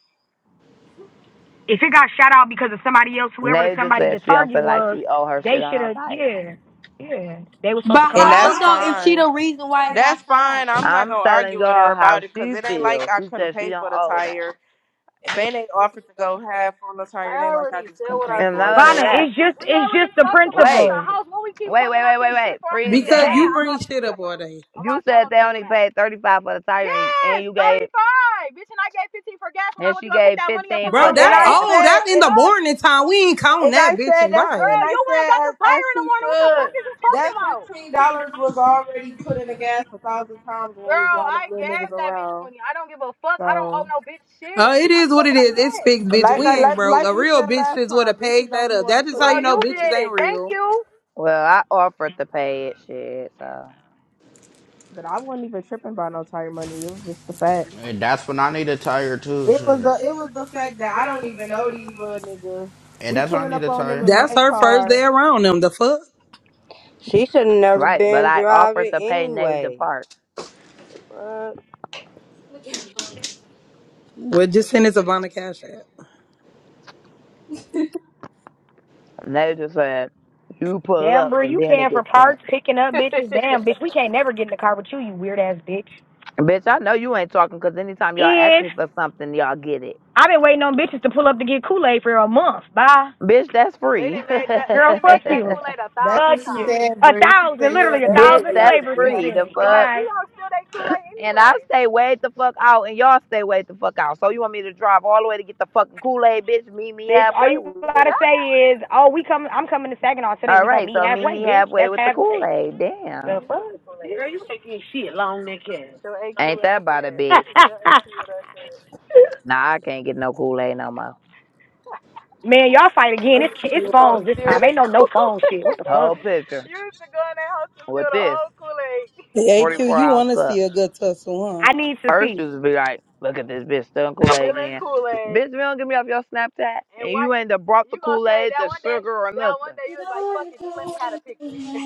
S5: If it got shot out because of somebody else, whoever the
S7: Nay just
S5: somebody the
S7: said she don't
S5: target
S7: feel like
S5: was,
S7: she owe her
S5: they
S7: shit on
S5: should
S7: her
S5: have.
S7: tire.
S5: Yeah, yeah, they were
S2: But
S5: supposed to come
S10: And
S5: off
S2: how
S10: that's
S5: something.
S2: though if she
S10: fine.
S2: the reason why it got
S10: That's
S2: shot out?
S10: fine. I'm not
S7: I'm
S10: gonna
S7: telling
S10: argue with her
S7: y'all how
S10: about it because
S7: she
S10: it ain't like
S7: feels.
S10: I
S7: She
S10: couldn't
S7: said she
S10: pay
S7: don't
S10: for the
S7: owe that.
S10: tire. Bane offered to go half on the tire. It
S7: I
S10: ain't like I
S7: already
S10: just
S7: said
S10: couldn't
S7: what
S10: pay
S7: I And said at
S10: for
S7: not at
S10: it.
S7: the only
S10: So
S5: Bana,
S10: she
S7: house. that,
S5: it's just
S7: We
S5: it's
S7: already
S5: just the
S7: talked about it at wait, the
S5: principle.
S7: house. When we keep wait, bringing wait, up wait, this wait, shit wait. I'm gonna Freeze get
S6: because
S7: mad. game.
S6: you
S7: I'm
S6: bring
S7: not
S6: shit
S7: playing,
S6: up
S7: bro.
S6: all day.
S7: I'm You not said i they getting only mad. paid thirty five for the tire, and, and Yes, you gave 35. Bitch, and I gave 15 for gas when I and went to she to go get gave that money up on fifteen my
S10: Bro,
S7: for
S6: Bro,
S7: daddy.
S10: And that's
S6: that's
S10: I
S7: gas.
S10: all
S7: shit.
S6: old.
S10: said,
S6: That's
S10: that's in
S6: in
S10: and,
S6: the
S10: the
S7: Fuck.
S10: morning
S6: morning time.
S10: time. We
S6: We
S10: ain't
S6: ain't counting
S10: and I
S6: that
S10: that.
S6: bitch
S10: said
S6: and
S10: that's,
S6: buy
S7: Girl,
S10: and I
S7: you went
S10: said
S7: and got
S10: as
S7: the
S10: as
S7: tire in
S10: she
S7: the morning. What the fuck
S10: should.
S7: is you talking
S10: That
S7: about?
S10: fifteen dollars was already put in the gas a thousand times when we was
S7: Girl,
S10: riding
S7: I
S10: them little
S7: gave
S10: niggas
S7: that bitch
S10: around.
S7: money. I don't give a fuck. I don't owe
S10: So,
S7: no bitch shit.
S6: Uh, it
S7: I
S6: is
S7: said
S6: what it
S7: what I
S6: is. It's
S7: said.
S6: fixed,
S10: but
S6: bitch.
S10: like
S6: We
S10: I
S6: ain't
S10: like
S6: broke.
S10: like
S6: A
S10: we
S6: real
S10: said
S6: bitch
S10: last
S6: is would
S10: time,
S6: have
S10: bitches
S6: paid
S10: don't
S6: that
S10: be
S6: up.
S10: want to
S6: That's just
S10: put
S6: how
S7: Well,
S6: you
S10: in
S7: you
S6: know
S10: on
S6: bitches
S7: did
S10: shit.
S6: ain't
S7: it. Thank
S6: real.
S7: you. Well, I offered to pay it, shit. So.
S10: But I wasn't even tripping about no tire money. It was just the fact.
S13: And that's when I need a tire too.
S10: It
S13: Shit.
S10: was the it was the fact that I don't even know these little niggas.
S13: And
S10: We
S13: that's when I
S10: pulling
S13: need
S10: up
S13: a
S10: on them in
S13: tire.
S6: That's
S10: my
S6: her first day
S10: car.
S6: around them. The fuck?
S4: She should have never
S7: Right, but
S4: been
S7: I offered
S4: driving
S7: to pay Naja
S4: anyway.
S7: Park.
S4: Fuck.
S6: Well, just send it to Vonna Cash App.
S7: Naja said, "You pull
S5: Damn,
S7: up,
S5: bro,
S7: and
S5: you
S7: then it
S5: paying for
S7: gets sent."
S5: parts, picking up bitches.
S7: *laughs*
S5: Damn, bitch, we can't never get in the car with you, you weird ass bitch.
S7: Bitch, I know you ain't talking because anytime y'all ask
S5: If
S7: me for something, y'all get it.
S5: I've been waiting on bitches to pull up to get Kool Aid for a month. Bye.
S7: Bitch, that's They free. *laughs* They done made that. They
S5: Girl,
S7: done
S5: fuck
S7: made that
S5: you.
S7: Kool Aid a
S10: That's
S7: thousand
S5: Fuck
S10: what she
S5: you.
S7: times.
S10: said,
S5: A
S10: Bree. She said
S5: thousand,
S10: you don't
S5: literally a
S7: *laughs*
S10: ever
S7: Bitch,
S5: thousand
S10: pull up
S7: that's
S10: and
S5: flavors
S10: get
S5: since
S10: her.
S7: free. The
S5: then.
S7: You fuck. don't.
S5: Goodbye.
S7: You don't steal that Kool Aid And I anyway. stay way the fuck out, and y'all stay way the fuck out. So you want me to drive all the way to get the fucking Kool Aid, bitch? Meet me
S5: Bitch, all
S7: halfway
S5: you
S7: with it.
S5: gotta
S7: *laughs*
S5: say is, oh, we come, I'm coming to Saginaw today.
S7: All
S5: We gonna
S7: right,
S5: meet
S7: so meet
S5: halfway,
S7: me
S5: bitch.
S7: halfway
S5: That's
S7: with the Kool
S5: halfway.
S7: Aid. Meet Damn.
S5: The
S7: Beat me
S5: fuck?
S7: with the Kool Aid. too. So AQ Ain't what I that about a said. bitch?
S5: *laughs*
S7: Tell AQ what I said. Nah, I can't get no Kool Aid no more.
S5: Man, y'all fight again. It's it's
S7: You gonna
S5: phones this
S7: steal
S5: time.
S7: they
S5: Ain't
S7: *laughs*
S5: no no
S7: Kool
S5: phone
S7: Aid?
S5: shit. What the
S7: Whole
S5: fuck?
S7: picture You used to go in that house and with steal the this old Kool Aid.
S6: Hey, AQ,
S7: 44
S6: you
S7: ounce
S6: want to
S7: cup.
S6: see a good tussle,
S5: I need to
S7: First,
S5: see.
S7: used to be like, look at this bitch stealing Kool Aid Still ain't again. Kool Aid. Bitch, if you don't get me off your Snapchat, And and why you ain't done brought the you gonna Kool say Aid, that the one day? sugar, or That one nothing. day you was like, "Fuck it, just let me have a picture." *laughs*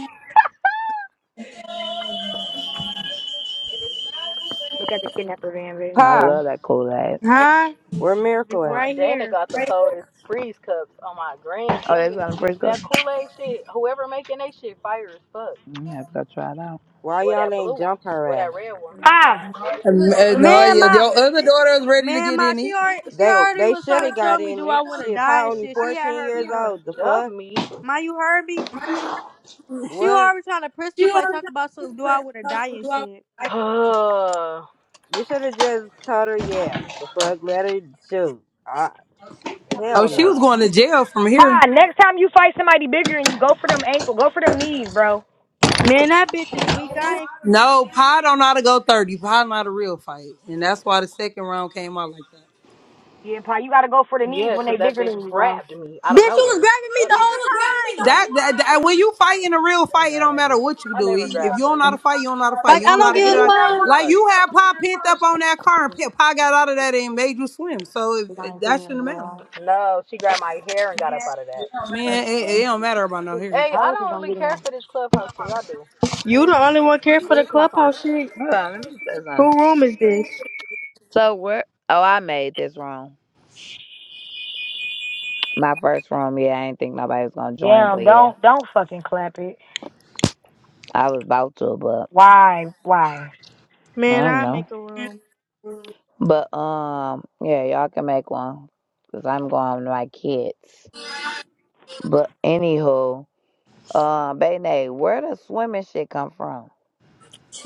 S5: Look at the kidnapper van, bitch.
S7: I
S4: Pa,
S7: love that Kool Aid.
S2: Huh?
S4: where Miracle
S7: Nah,
S4: at?
S2: Right
S7: Dana
S2: here.
S7: got the coldest freeze cups on my granny. Oh, That they shit, got a freeze cup. that Kool Aid shit. Whoever making that shit, fire as fuck. I'm gonna have to go try it out.
S4: Why
S7: Or
S4: y'all
S7: that blue
S4: ain't
S7: one,
S4: jump her
S7: or that
S4: ass?
S7: red one.
S5: Pa,
S6: huh? Um, uh, No,
S2: Man,
S6: yeah,
S2: my
S6: your other daughter is ready to
S2: man,
S6: get
S2: my
S6: in
S2: she
S6: it.
S2: already she
S4: They
S2: already
S4: they
S2: was
S4: should
S2: trying to
S4: have
S2: tell
S4: got
S2: me
S4: in
S2: do
S4: it.
S2: I want to
S7: God,
S4: Shit,
S2: die
S4: Pa
S2: and
S4: only
S2: shit. She had
S4: fourteen
S2: her
S4: years
S2: gun.
S4: old. The
S7: jump
S4: fuck?
S7: me. *sighs*
S2: My, you heard me? She was
S4: What?
S2: already trying to pistol play, talk about some do I want to die and shit.
S7: Uh,
S4: You should have just told her, yeah. The fuck? Let her shoot. I,
S6: Oh,
S4: hell
S6: she was
S4: no.
S6: going to jail from
S5: pa.
S6: here.
S5: Next time you fight somebody bigger and you go for them ankle, go for them knees, bro.
S2: Man, that bitch is weak. I ain't.
S6: No, Pa don't know how to go 30. Pa know how to real fight. And that's why the second round came out like that.
S5: Yeah, Pa, you gotta go for the knees
S7: yeah,
S5: when they
S7: 'cause that
S5: bigger than
S7: bitch
S5: you, bro.
S7: grabbed me out
S2: Bitch,
S7: of
S2: she was
S7: nowhere.
S2: grabbing me
S7: Fuck,
S2: the whole time.
S6: That, that, that- when you fight in a real
S7: I didn't
S6: fight, it
S7: grab
S6: don't
S7: that
S6: matter
S7: bitch.
S6: what you
S7: I
S6: do.
S7: never
S6: If you
S7: grabbed
S6: don't
S7: her.
S6: know how to fight, you don't know how to fight.
S7: I
S2: Like
S6: You
S2: I
S6: don't know how
S2: don't
S7: pushed
S6: to
S2: give
S6: get it
S7: her
S6: out.
S7: up against
S2: a
S7: the
S6: Like
S7: car.
S6: you had Pa pent up
S2: fuck.
S6: on that car, and Pa Pa got out of that and made you swim. So it,
S5: 'Cause I
S6: it-
S5: ain't
S6: that
S5: putting in
S6: shouldn't
S5: the
S6: matter.
S5: garage.
S7: No, she grabbed my hair and got up out of that.
S6: Man, it, it don't matter about no hair.
S7: Hey,
S5: How
S7: I
S5: else is
S7: don't
S5: gonna
S7: really
S5: get
S7: care
S5: in?
S7: for this clubhouse shit. Y'all do.
S2: You
S7: And
S2: the only one care for
S7: let
S2: the
S7: me see my phone.
S2: clubhouse shit.
S7: Hold on, let me see something.
S2: Who room is this?
S7: So where? Oh, I made this room. My first room. Yeah, I didn't think nobody was gonna join,
S5: Damn,
S7: but yeah,
S5: don't don't fucking clap it.
S7: I was about to, but
S5: Why? Why?
S7: I
S2: Man,
S7: don't
S2: I
S7: know.
S2: make a room.
S7: But um, yeah, y'all can make one because I'm going with my kids. But anywho, um, Bene, where does swimming shit come from?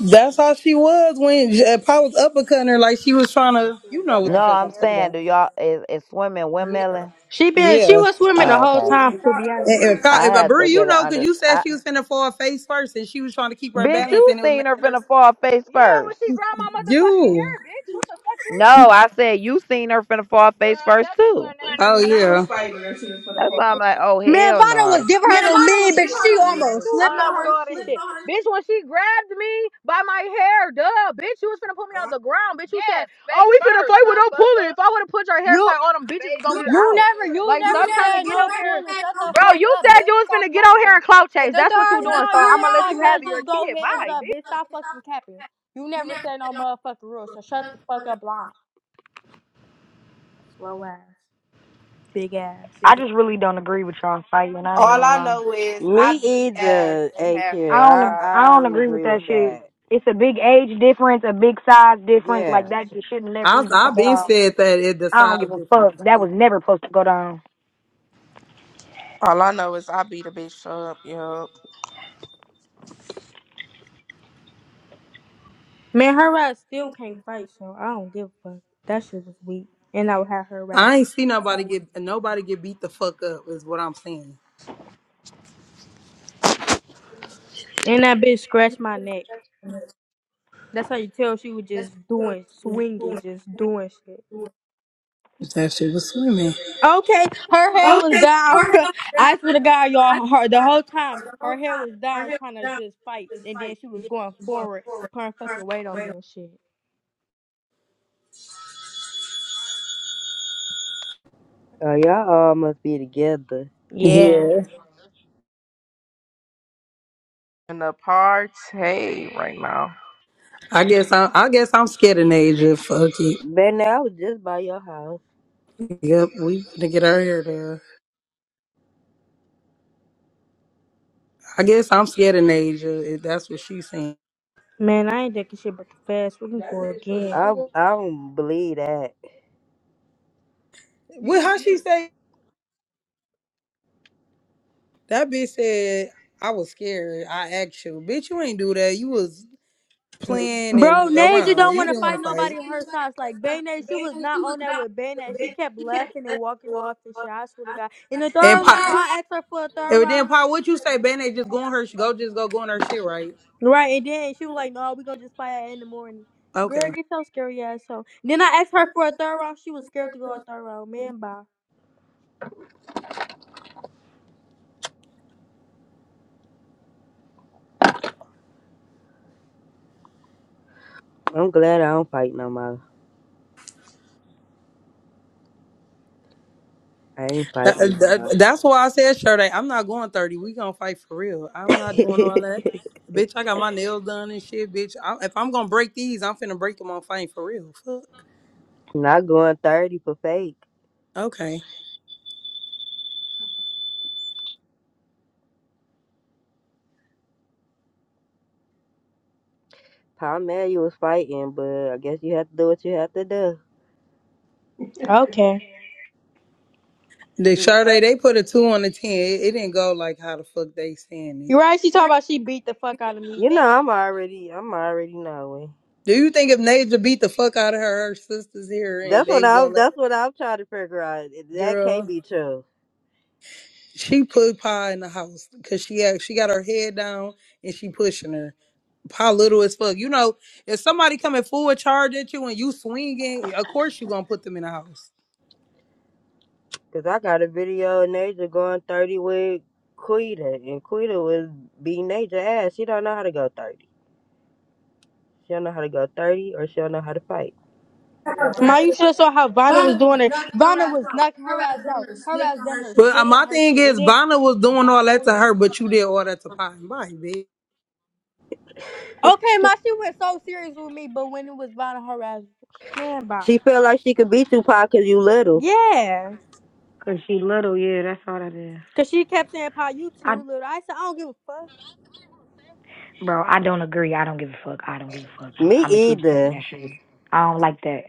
S6: That's how she was when uh, Pa was uppercutting her, like she was trying to, you know what
S7: No,
S6: the fuck
S7: I'm
S6: I'm talking
S7: saying,
S6: about.
S7: do y'all is, is swimming windmilling?
S2: She been she
S6: Yeah.
S2: was swimming
S7: Oh,
S2: the whole
S7: okay.
S2: time to be honest.
S6: And, and Pa,
S7: I
S6: but
S7: had to
S6: Bree, you
S7: get it
S6: know, because
S7: under.
S6: you said she was finna fall face first, and she was trying to keep her
S7: Bitch,
S6: balance,
S7: you
S6: and it was
S7: seen her
S6: making her.
S7: finna fall face Yeah, when first. she ground my motherfucking hair,
S6: You.
S7: bitch. What the fuck you mean? No, I said you seen her finna fall face Girl, first that bitch too. have never grabbed
S6: Oh
S7: my hair. She
S6: yeah.
S7: like, you eating bitches. That's why I'm like, oh
S2: Man,
S7: hell
S2: Vanna
S7: no.
S2: was
S7: There's
S2: giving
S7: too much
S2: her to
S7: lying
S2: me,
S7: shit
S2: but
S7: going
S2: she
S7: on in this bitch. Bitch,
S2: almost
S7: I'm
S2: slipped
S7: not
S2: on
S7: with
S2: her
S7: all this shit.
S2: shit.
S7: Bitch, when she grabbed me by my hair, duh, bitch, you was finna pull me out the ground. Bitch, you said, Yes, oh, we finna first, fight with no motherfucker. pulling. If I would have put your hair
S2: You
S7: part on them bitches, it's Face gonna be first.
S2: you
S7: out. Give me
S2: never
S7: that.
S2: you
S7: Like,
S2: never
S7: stop trying to
S2: said
S7: get
S2: no
S7: on here.
S2: pulling. Shut the
S7: Bro,
S2: fuck
S7: you
S2: up,
S7: said
S2: bitch.
S7: you was
S2: Stop
S7: finna get on here
S2: lying.
S7: and clout chase.
S2: And The third
S7: That's what you doing. So
S2: round, you
S7: I'm
S2: was
S7: gonna let
S2: like,
S7: you have
S2: let's
S7: your
S2: just go
S7: kid.
S2: hands
S7: Bye,
S2: up,
S7: bitch.
S2: bitch. Stop fucking capping. You never said no motherfucking rule, so shut the fuck up, lying. Slow ass, big ass.
S5: I just really don't agree with y'all fighting. I ain't
S10: All
S5: gonna
S10: I
S5: lie.
S10: know is I
S4: Me
S10: beat ass
S4: either,
S10: and have
S4: AQ.
S5: I
S10: face
S5: don't
S4: I
S5: ag-
S10: shots.
S5: I
S4: I
S5: don't
S4: don't
S5: agree with
S4: agree
S5: that
S4: with
S5: shit.
S4: that.
S5: It's a big age difference, a big size difference.
S4: Yeah.
S5: Like that just should never
S6: I
S5: even go
S6: I been
S5: down.
S6: said that it the
S5: I don't
S6: size
S5: give a
S6: difference.
S5: fuck.
S6: and
S5: That
S6: shit.
S5: was never supposed to go down.
S10: All I know is I beat a bitch up, yup.
S2: Man, her ass still can't fight, so I don't give a fuck. That shit was weak. And I would have her ass.
S6: I ain't see nobody get nobody get beat the fuck up is what I'm saying.
S2: And that bitch scratched my neck. That's how you tell she was just doing swinging, just doing shit.
S6: That shit was swimming.
S2: Okay, her hair was down. *laughs* I swear to God, y'all, her, the whole time her hair was down, trying to just fight, and then she was going forward, putting fucking weight on me and shit.
S4: Oh, y'all all must be together.
S2: Yeah,
S6: Yeah.
S10: In the party right now.
S6: I guess I I guess I'm scared of Naja. Fuck it.
S4: But I was just by your house.
S6: Yep, we to get her here there. I guess I'm scared of Naja. If that's what she's saying.
S2: man, I ain't taking shit but the fast looking for
S4: I
S2: again.
S4: I don't believe that.
S6: What how she say? That bitch said I was scared. I asked you, bitch. You ain't do that. You was playing
S2: Bro,
S6: and
S2: Naja
S6: around.
S2: don't
S6: You
S2: want to
S6: didn't want
S2: fight nobody
S6: to
S2: her size. Like
S6: fight.
S2: Bayne, she was not on that with Bayne. She kept laughing and walking off and shit. I swear to God. In the
S6: And,
S2: third round,
S6: po-
S2: I asked her for a third
S6: And then,
S2: round.
S6: Paul, what you say? Band Aid just go on her, go just go go on her shit, right?
S2: Right, and then she was like, "No, we gonna just fight in the morning." Girl,
S6: Okay,
S2: get your scary ass home. Then I asked her for a third round. She was scared to go a third round. Man, bye.
S4: I'm glad I don't fight no more. I ain't
S6: that,
S4: fighting
S6: uh,
S4: no
S6: that- that's why I said Sade. I'm not going thirty. We gonna fight for real. I'm not
S4: more.
S6: doing all
S4: *laughs*
S6: that, bitch. I got my nails done and shit, bitch. I, if I'm gonna break these, I'm finna break them on fighting for real. Fuck.
S4: Not going 30 for fake.
S6: Okay.
S4: Tom you was fighting, but I guess you have to do what you have to do.
S2: Okay.
S6: The Sade they put a two on the ten. It, it didn't go like how the fuck they saying
S2: You're
S6: it.
S2: right. She talked about she beat the fuck out of me,
S4: You know,
S2: bitch.
S4: I'm already, I'm already knowing.
S6: Do you think if Naja beat the fuck out of her, her sisters here and
S4: That's
S6: they
S4: what
S6: was
S4: I,
S6: gonna let
S4: that's what I'm trying to figure out. That
S6: girl?
S4: can't be true,
S6: She put Pa in the house because she had, she got her head down and she pushing her. Pa little as fuck. You know, if somebody coming full charge at you and you swinging, of course you gonna put them in the house.
S4: cause I got a video of Naja going 30 with Quita, and Quita was beating Naja ass. She don't know how to go 30. She don't know how to go 30, or she don't know how to fight.
S2: Ma, you should have saw how Vonda was doing it. Vonda was knocking her ass out. Her ass damn near
S6: But uh,
S2: slipped on
S6: my
S2: her
S6: thing
S2: shit, and
S6: is,
S2: then
S6: Vanna was doing all that to her, but you did all that to Pie and Bite, bitch.
S2: Okay, my she was so serious with me, but when it was violent harassment, man, bye.
S4: She feel like she could beat you, Pac, cause you little.
S2: Yeah,
S5: Cause she little, yeah, that's all that is.
S2: cause she kept saying, "Pa, you too
S5: I,
S2: little." I said, "I don't give a fuck."
S5: bro, I don't agree. I don't give a fuck. I don't give a fuck.
S4: Me
S5: I'm gonna keep saying
S4: either.
S5: that shit. I don't like that.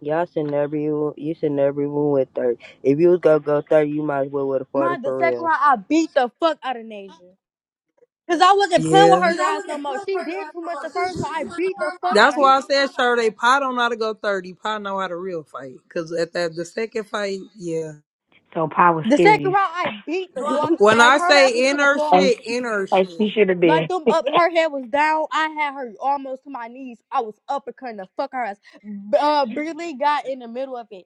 S4: Y'all sitting everyone, you you sitting everyone with thirty. If you was gonna go thirty, you might as well with a forty
S2: My the
S4: for
S2: second
S4: real.
S2: round, I beat the fuck out of Nasia, cause I wasn't playing
S6: Yeah.
S2: with her ass no more. She did too much the first round. I beat the fuck
S6: That's
S2: out of
S6: why I
S2: her.
S6: said, Sade, Pie don't know how to go 30. Pie know how to real fight. Because at that, the second fight, yeah.
S5: So Pa was
S2: The second
S5: serious.
S2: round, I beat the dog.
S6: When I
S2: Like her
S6: say
S2: ass was
S6: in
S2: gonna
S6: her
S5: As
S2: fall.
S6: shit, in her
S5: as she
S6: shit.
S5: should have
S2: Like
S5: been. *laughs*
S2: them up, her head was down. I had her almost to my knees. I was uppercutting the fuck her ass. B- Uh, Brittany got in the middle of it.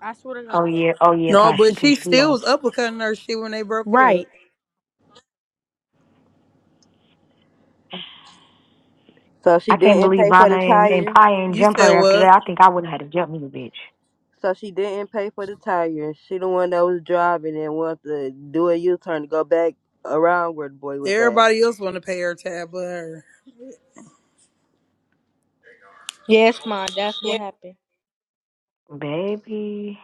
S2: I swear to
S5: Oh
S2: God.
S5: yeah, oh yeah,
S6: No,
S5: Pa, she
S6: but she
S5: pissed you
S6: still
S5: off.
S6: was uppercutting her shit when they broke it
S2: Right.
S6: up.
S4: So she
S5: I can't
S4: didn't
S5: believe
S4: pay for the
S5: Vanna and, and
S4: tire.
S5: Pa ain't
S6: You
S5: jump
S6: said
S5: her after
S6: what?
S5: that. I think I would have had to jump me, bitch.
S4: So she didn't pay for the tire. She the one that was driving and wanted to do a U turn to go back around where the boy was at.
S6: Everybody else want to pay her tab but her.
S2: Yes, ma, that's what happened.
S5: Baby.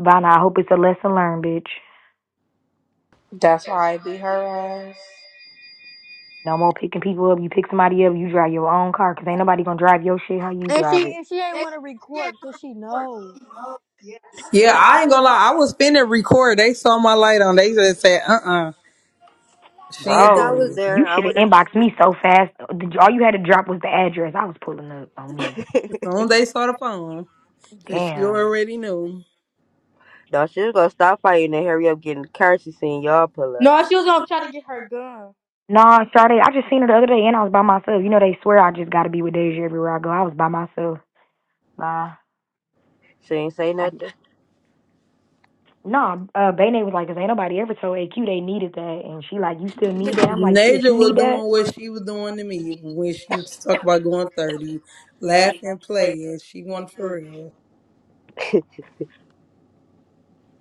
S5: Vanna, I hope it's a lesson learned, bitch.
S10: That's why I beat her ass.
S5: No more picking people up. You pick somebody up, you drive your own car, 'cause ain't nobody gonna drive your shit how you
S2: And
S5: drive
S2: she
S5: it.
S2: and she ain't want to record because she know.
S6: Yeah,
S10: Yeah,
S6: I
S10: I
S6: ain't
S10: ain't
S6: gonna
S10: gonna lie,
S6: lie. I
S10: I was
S6: was
S10: sitting
S6: finna
S10: before
S6: record.
S10: they
S6: They saw
S10: told
S6: my
S10: my life
S6: light on. They just said, "Uh, uh she
S4: I wish
S6: ain't
S4: I
S5: Bro,
S6: doing
S4: was
S6: it."
S5: you
S4: there. I
S5: should
S4: would
S5: have
S4: have.
S5: inboxed me so fast. All you had to drop was the address. I was pulling up on me.
S6: As soon as
S10: one.
S6: they
S10: they-
S6: saw the phone, cause she
S5: Damn.
S6: already knew.
S4: No, she was gonna stop fighting and hurry up getting the car. She seen y'all pull
S2: No,
S4: up.
S2: she was gonna try to get her gun.
S5: Nah, Sade, I just seen her the other day and I was by myself. You know they swear I just gotta be with Deja everywhere I go. I was by myself. Nah.
S4: She ain't say
S5: I,
S4: nothing.
S5: nah, uh Bane was like, 'Cause ain't nobody ever told AQ they needed that and she like, You still need that? I'm like, shit,
S6: Naja
S5: you
S6: was
S5: need that?
S6: doing what she was doing to me when she was talking about going thirty, laughing, playing. She went for real.
S4: *laughs*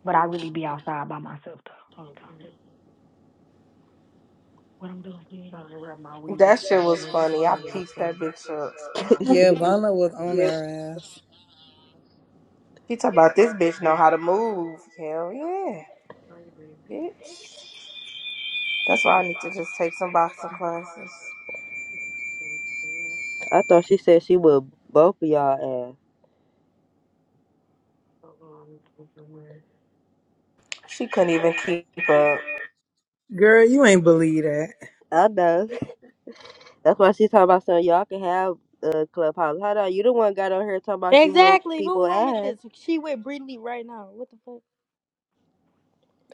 S5: But I really be outside by myself though. All the time. What I'm doing is
S10: That shit was funny. I pieced that bitch up.
S6: Yeah, Vanna was on her ass.
S10: She talk about this bitch know how to move. Hell yeah, bitch. That's why I need to just take some boxing classes.
S4: I thought she said she would both of y'all
S10: She couldn't even keep up.
S6: Girl, you ain't believe that.
S4: ass. I know. That's why she's talking about something y'all can have uh, clubhouse. Hold on, you the one got on here talking about you whooped
S2: Exactly.
S4: people
S2: Who room is
S4: ass.
S2: this? She with Brittany right now. What the fuck?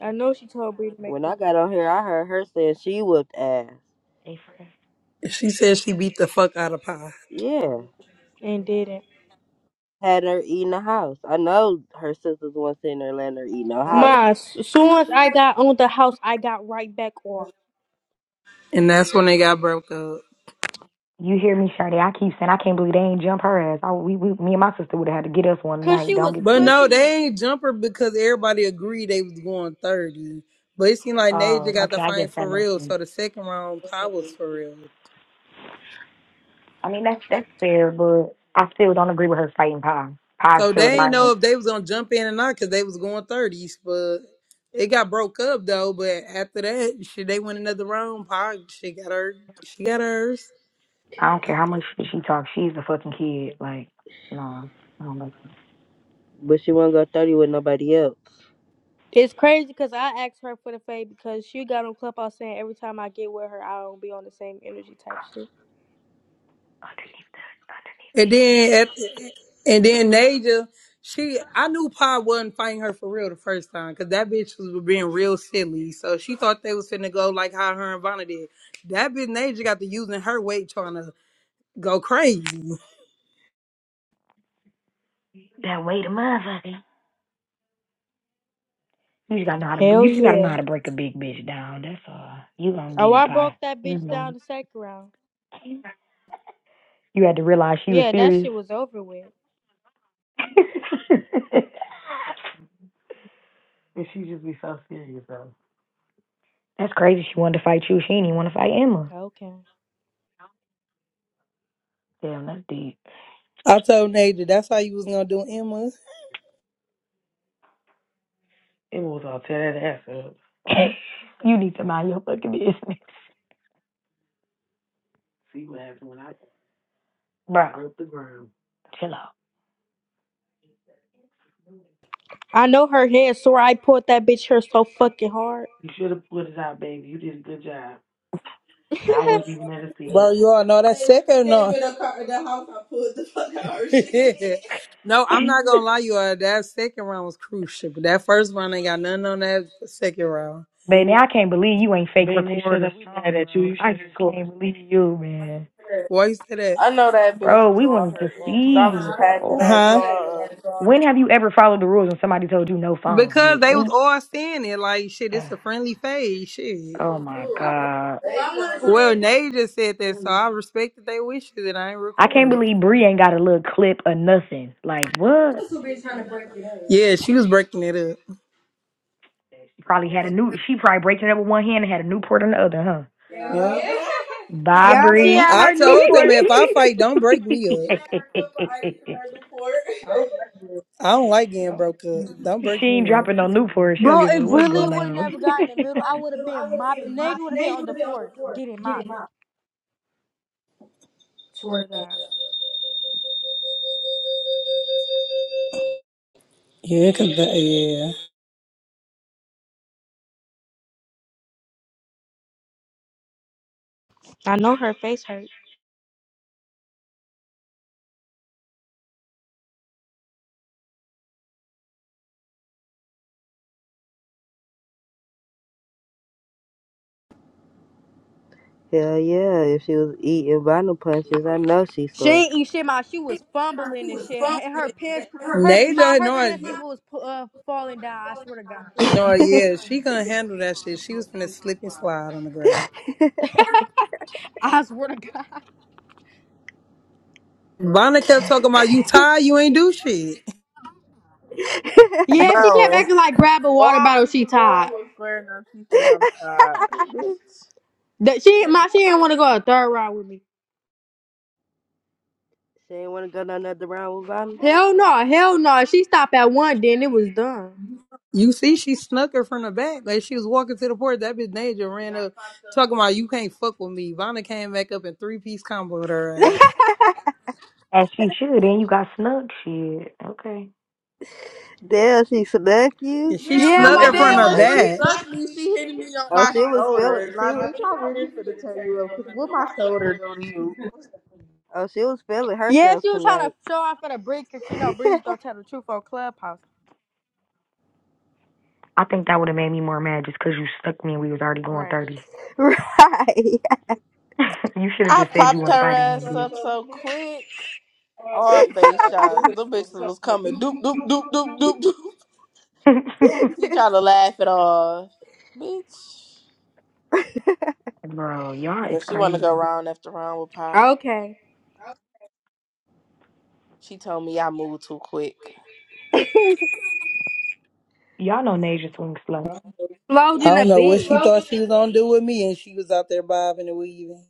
S2: I know she told Brittany to make
S4: When
S2: the
S4: I got on here, I heard her saying she whooped ass.
S5: A for F.
S6: She said she beat the fuck out of Pie,
S4: Yeah,
S2: and didn't.
S4: had her eating the house. I know her sisters was sitting there letting her eat no house,
S2: Ma, as soon as I got on the house, I got right back off.
S6: and that's when they got broke up.
S5: You hear me, Sade? I keep saying I can't believe they ain't jump her ass. I, we, we me and my sister would have had to get us one
S2: Cause
S5: night.
S2: she
S5: Don't
S2: was
S5: get
S6: But
S5: fucked.
S6: no,
S2: pushing me.
S6: they ain't jumper because everybody agreed they was going thirty. But it seemed like Naja
S5: Oh,
S6: got the
S5: okay, I guess
S6: fight
S5: that
S6: for
S5: makes
S6: real,
S5: sense.
S6: so the second round Pop was for real.
S5: I mean that's that's fair, but I still don't agree with her fighting pie. Pie's
S6: So
S5: still a
S6: they ain't
S5: minor.
S6: know if they was gonna jump in or not because they was going thirties. But it got broke up though. But after that, shit, they went another round. Pop, she got her, she got hers.
S5: I don't care how much shit she talks. She's the fucking kid. Like, no, I don't like
S4: but she won't go thirty with nobody else.
S2: It's crazy because I asked her for the fade because she got on Clubhouse saying every time I get with her, I don't be on the same energy type shit.
S5: underneath, underneath
S6: And
S5: this
S6: then at, and then Naja, she I knew Pa wasn't fighting her for real the first time because that bitch was being real silly. So she thought they was finna go like how her and Vanna did. That bitch Naja got to using her weight trying to go crazy.
S5: That weight of motherfucker. You just gotta know how to.
S2: Hell
S5: You just gotta know how
S2: yeah.
S5: to break a big bitch down. That's all. You gonna get
S2: Oh,
S5: it,
S2: I broke
S5: pie.
S2: that
S5: You
S2: bitch
S5: know.
S2: down the second round.
S5: You had to realize she was
S2: Yeah, that
S5: serious.
S2: shit was over with.
S5: *laughs* that's crazy. She wanted to fight you. She didn't even want to fight Emma.
S2: Okay.
S5: Damn, that's deep.
S6: I told Naja that's how you was gonna do Emma.
S5: *laughs* you need to mind your fucking business, bro. Chill out.
S2: I know her head sore. I pulled that bitch hair so fucking hard. *laughs*
S6: Bro, you all know that second no. *laughs* Yeah. no, I'm not
S5: *laughs*
S6: gonna lie, you all that second round was crucial, but that first round ain't got nothing on that second round.
S5: Baby, I can't believe you ain't fake recording I just can't believe you, man.
S6: Why you say that?
S10: I know that
S5: Bro,
S10: bitch
S5: we
S10: jaw
S5: wanted to
S10: hurting because I was
S5: see,
S10: packing
S5: bro.
S10: that
S6: Huh?
S10: jaw up.
S5: When have you ever followed the rules and somebody told you no phones,
S6: Because
S5: bitch?
S6: they was
S5: When you-
S6: all saying it like shit, it's
S5: *sighs*
S6: a friendly phase. Shit.
S5: Oh my god.
S6: Well, Nay just said that, so I respected their wishes and I ain't
S5: I can't
S6: recorded.
S5: believe Bree ain't got a little clip or nothing. Like what?
S6: Yeah, she was breaking it up.
S5: She probably had a new she probably breaking it up with one hand and had a Newport in the other, huh?
S6: Yeah.
S5: Bye,
S2: Y'all see
S5: Bree.
S2: at
S6: I
S2: her
S6: told them
S2: Newport.
S6: if I fight, don't break me up.
S5: *laughs*
S6: I don't like getting broke up. Don't
S5: she
S6: break
S5: ain't
S6: me up.
S5: dropping no Newport. She don't
S2: Bro,
S5: give a fuck
S2: it
S5: what's
S2: really
S5: going
S2: would
S5: on.
S2: never got in the middle.
S5: *laughs*
S2: I would have been mopped. Nage would have been on the floor getting mopped. Swear to God.
S6: Yeah, cause that-
S2: I know her face hurt.
S4: Hell yeah, if she was eating vinyl punches, I know she
S2: She
S4: sore.
S2: ain't eat shit. My she was fumbling and shit, and her
S6: yeah.
S2: pants, her my
S6: Naja,
S2: her
S6: no,
S2: pants even was pu- uh, falling down. I swear to God.
S6: no, yeah, she gonna handle that shit. She was gonna slip and slide on the ground.
S2: I swear to God.
S6: Vonna kept talking about you tired, you ain't do shit.
S2: Yeah, she
S10: Bro,
S2: kept
S10: all
S2: acting like grab a water
S10: I was
S2: bottle.
S10: doing
S2: She tied.
S10: was squaring up. She said, I'm tired. Bitch.
S2: That she my she didn't want to go a third round with me.
S4: She ain't want to go none other round with vinyl.
S2: Hell no, hell no. She stopped at one, then it was done.
S6: You see, she snuck her from the back. Like she was walking to the porch. That bitch Naja ran up talking about you can't fuck with me. Vonna came back up in three piece combo with her ass.
S5: As she should, and you got snuck. Shit. Okay.
S4: Damn, she snuck you.
S6: And she
S2: Yeah,
S6: snuck her
S10: And
S6: from
S2: Wivana
S10: then
S6: the
S2: was
S5: Baby.
S10: when
S4: Oh,
S10: she
S4: she,
S2: walking.
S6: back.
S10: snuck me, she hit me on
S4: oh,
S10: my
S4: she was
S10: shoulder.
S4: feeling. She
S10: Like,
S4: was.
S10: bitch, I really finna tear you up because what my shoulder don't do not you?
S4: Oh, she was feeling
S2: Yeah,
S4: herself
S2: she was trying to
S4: tonight.
S2: show off for the Bree because she know
S4: *laughs*
S2: Bree was gonna tell the truth on Clubhouse.
S5: I think that would have made me more mad just cause you stuck me and we was already going
S2: Right.
S5: 30.
S4: *laughs* Right.
S5: *laughs* you should have
S10: I
S5: just said you
S10: popped
S5: wanted to
S10: her
S5: bite
S10: ass
S5: again,
S10: up so quick. All face shots. The bitches was coming. Doop, doop, doop, doop, doop, doop.
S4: *laughs*
S5: bitch.
S10: She tried to laugh it off. Bitch.
S5: *laughs* Bro, y'all is
S10: But she wanna
S5: crazy.
S10: go round after round with Pie.
S2: Okay.
S10: She told me I moved too quick.
S5: Y'all know Naja swing slow.
S2: Slowed
S6: I
S2: in a
S6: don't know what she
S2: bitch.
S6: thought she was gonna do with me, and she was out there bobbing and weaving.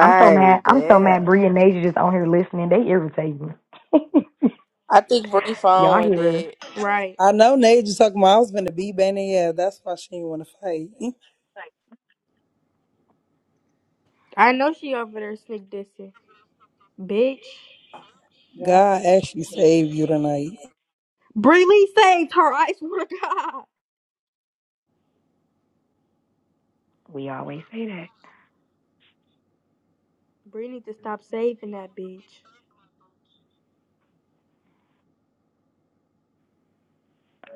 S5: I'm so mad. I'm so mad
S4: damn.
S5: Bree and Naja just on here listening. They irritate me.
S10: I think Bree
S5: *laughs*
S10: phone
S5: y'all
S10: one
S5: hear us.
S10: did.
S2: Right.
S6: I know Naja talking about I was gonna be banging. Yeah, that's why she didn't want to fight.
S2: I know she over there sneak dissing. Bitch.
S6: God actually saved you tonight.
S2: Bree Lee saved her. I swear to God.
S5: We always say that.
S2: Bree need to stop saving that bitch.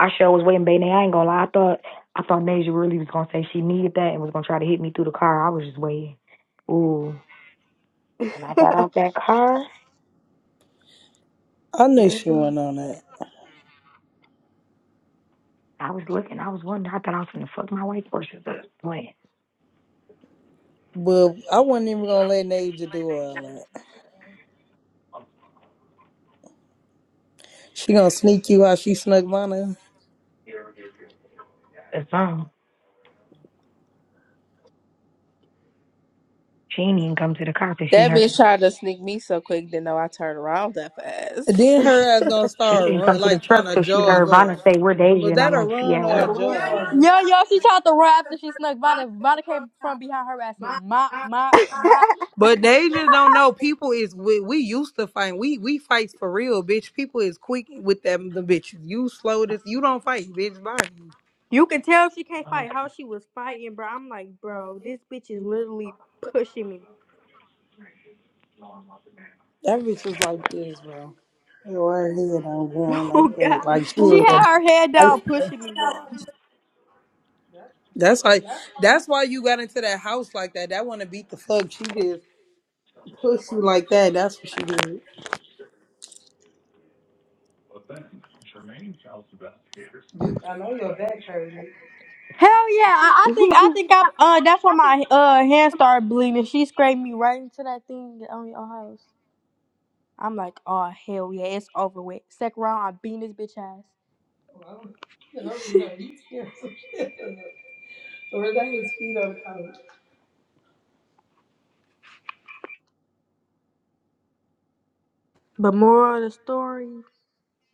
S5: I sure was waiting, baby. I ain't gonna lie. I thought I thought Naja really was gonna say she needed that and was gonna try to hit me through the car. I was just waiting. Ooh. When I
S4: *laughs*
S5: got out that car,
S6: I knew
S5: baby,
S6: she went on that.
S5: I was looking, I was wondering, I thought I was gonna fuck my white horses up. Wait,
S6: But I wasn't even gonna let Naja do all that. She gonna sneak you how she snuck mine.
S5: it's um, she didn't even come to the car till she
S10: That
S5: heard.
S10: bitch tried to sneak me so quick, didn't know I turned around that fast.
S6: Then her ass gonna
S5: She didn't
S6: start
S5: even come
S6: run
S5: to the
S6: like trying
S5: truck
S6: to
S5: till she
S6: jog
S5: heard Vanna
S6: up.
S5: say we're Deja,
S6: Was
S5: and
S6: that
S5: I'm
S6: a
S5: like, she
S6: run
S5: at
S6: or a
S5: work.
S6: jog?
S2: Yo, yo, she tried to run after she snuck. Vana, Vana came from behind her ass and mop, mop, mop.
S6: But they just don't know. People is we, we used to fight. We we fights for real, bitch. People is quick with them the bitches. You slow this. You don't fight, bitch. Bye.
S2: You can tell she can't fight how she was fighting, bro. I'm like, bro, this bitch is literally pushing me.
S6: That bitch was like this, bro. Her head on
S2: *laughs*
S6: going
S2: Oh
S6: like that.
S2: god,
S6: Like she
S2: she
S6: was
S2: had
S6: a-
S2: her head down,
S6: I-
S2: pushing me, y'all.
S6: that's like that's why you got into that house like that. That wanna beat the fuck. She just push you like that. That's what she did.
S2: Hell yeah, I, I think I
S4: Y'all
S2: think I uh that's when my uh hand started bleeding. She scraped me right into that thing on your house. I'm like, oh hell yeah, it's over with. Second round, I beat this bitch ass. But moral of the story,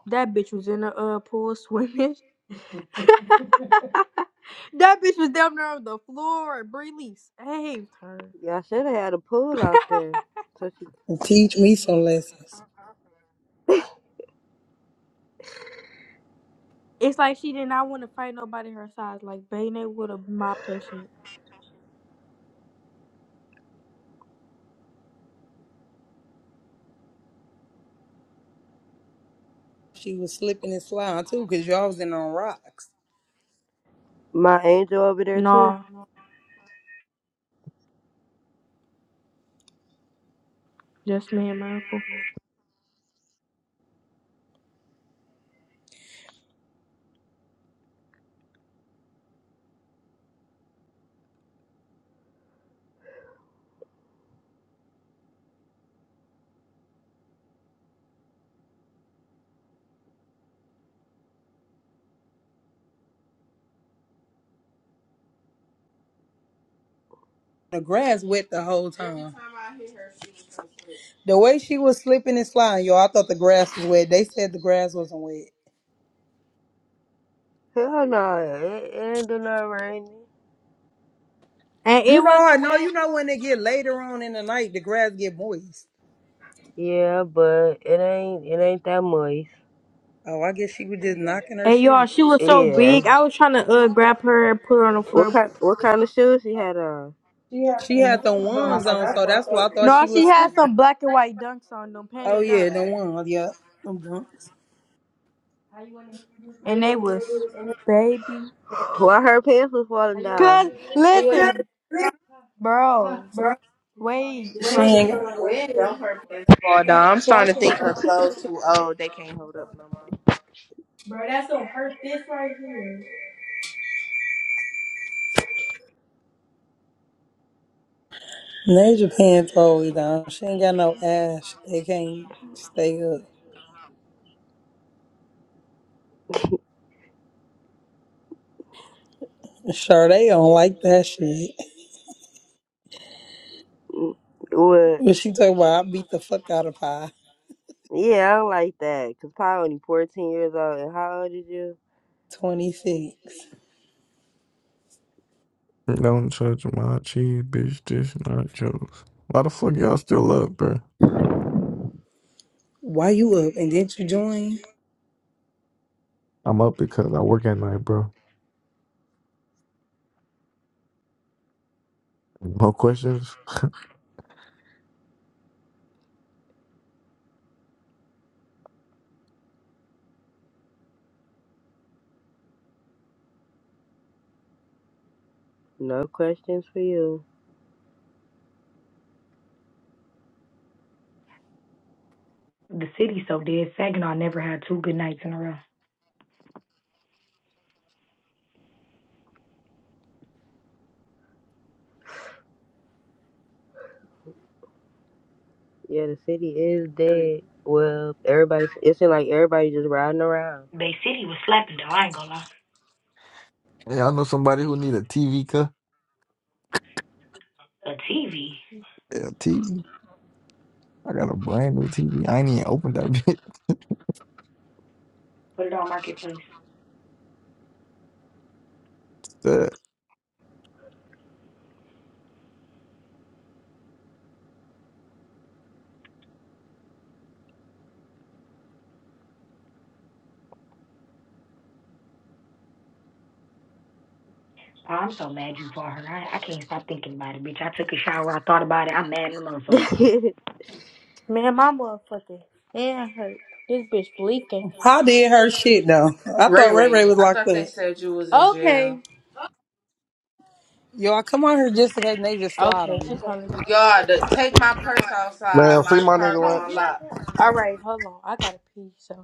S2: that bitch was in the uh pool swimming. *laughs* that bitch was down there on the floor. and Bree Lee's saved her.
S4: should have had a pool out there. So she,
S6: And teach me some lessons.
S2: It's like she did not want to fight nobody her size. Like Bayne would have mopped her shit.
S6: She was slipping and sliding too, cause y'all was in on rocks.
S4: my angel over there too.
S2: Nah, just me and my uncle.
S6: The grass wet the whole time. The way she was slipping and sliding, yo, I thought the grass was wet. They said the grass wasn't wet.
S4: Hell no, it, it ain't do no raining.
S2: And
S6: You
S2: it
S6: know, I
S2: wasn't
S6: know
S2: wet.
S6: you know when they get later on in the night, the grass get moist.
S4: Yeah, but it ain't it ain't that moist.
S6: Oh, I guess she was just knocking her
S2: And y'all,
S6: shit.
S2: she was so
S4: Yeah.
S2: big. I was trying to uh grab her and put her on the
S4: What
S2: floor.
S4: kind what kind of shoes she had on?
S6: She had the ones on, so that's why I thought
S2: No,
S6: she was
S2: she had
S6: sleeping.
S2: some black and white dunks on them,
S6: Oh
S2: panda dunks,
S6: yeah, the ones. Yep. I'm drunk.
S2: and they was baby.
S4: Why her pants was falling down?
S2: Cause listen, bro, wait,
S6: She ain't got
S10: Hold on, I'm starting to think her clothes too old. They can't hold up no more.
S6: Nature pants always down. She ain't got no ass. They can't stay up. Sure, they don't like that shit. *laughs*
S4: Mm, What?
S6: But she talking about I beat the fuck out of Pie.
S4: Yeah, I don't like that. Cause probably only fourteen years old. And how old is you?
S6: 26.
S14: Don't touch my cheese, bitch. This nachos. Why the fuck y'all still up, bro?
S6: Why you up? And didn't you join?
S14: I'm up because I work at night, bro. No questions.
S4: No questions for you.
S5: The city so dead. Saginaw never had two good nights in a row.
S4: Yeah, the city is dead. Well, everybody, it seems like everybody just riding around.
S5: Bay City was slapping though. I ain't gonna lie.
S14: Hey, I know somebody who need a TV, cut.
S5: A TV.
S14: Yeah, TV. I got a brand new TV. I ain't even opened that bitch.
S5: Put it on marketplace.
S14: *laughs* Shit.
S5: Oh, I'm so mad you fought her. I, I can't stop thinking about it, bitch. I took a shower. I thought about it. I'm mad at the motherfucker.
S4: *laughs*
S2: man, my motherfucking hand hurt. This bitch leaking.
S6: Pie did her shit though. I
S10: Ray
S6: thought Ray Ray
S10: Ray,
S6: was
S10: I
S6: locked
S10: thought they
S6: up.
S10: said you was in jail.
S2: Okay,
S6: Y'all come on here just in case Nature slide
S2: okay,
S6: on
S2: she
S6: me.
S2: probably.
S10: Y'all, the- take my purse
S15: Man,
S10: outside.
S15: free
S10: My
S15: my nigga Ray.
S10: cargo unlocked.
S2: All right, hold on, I gotta pee. So.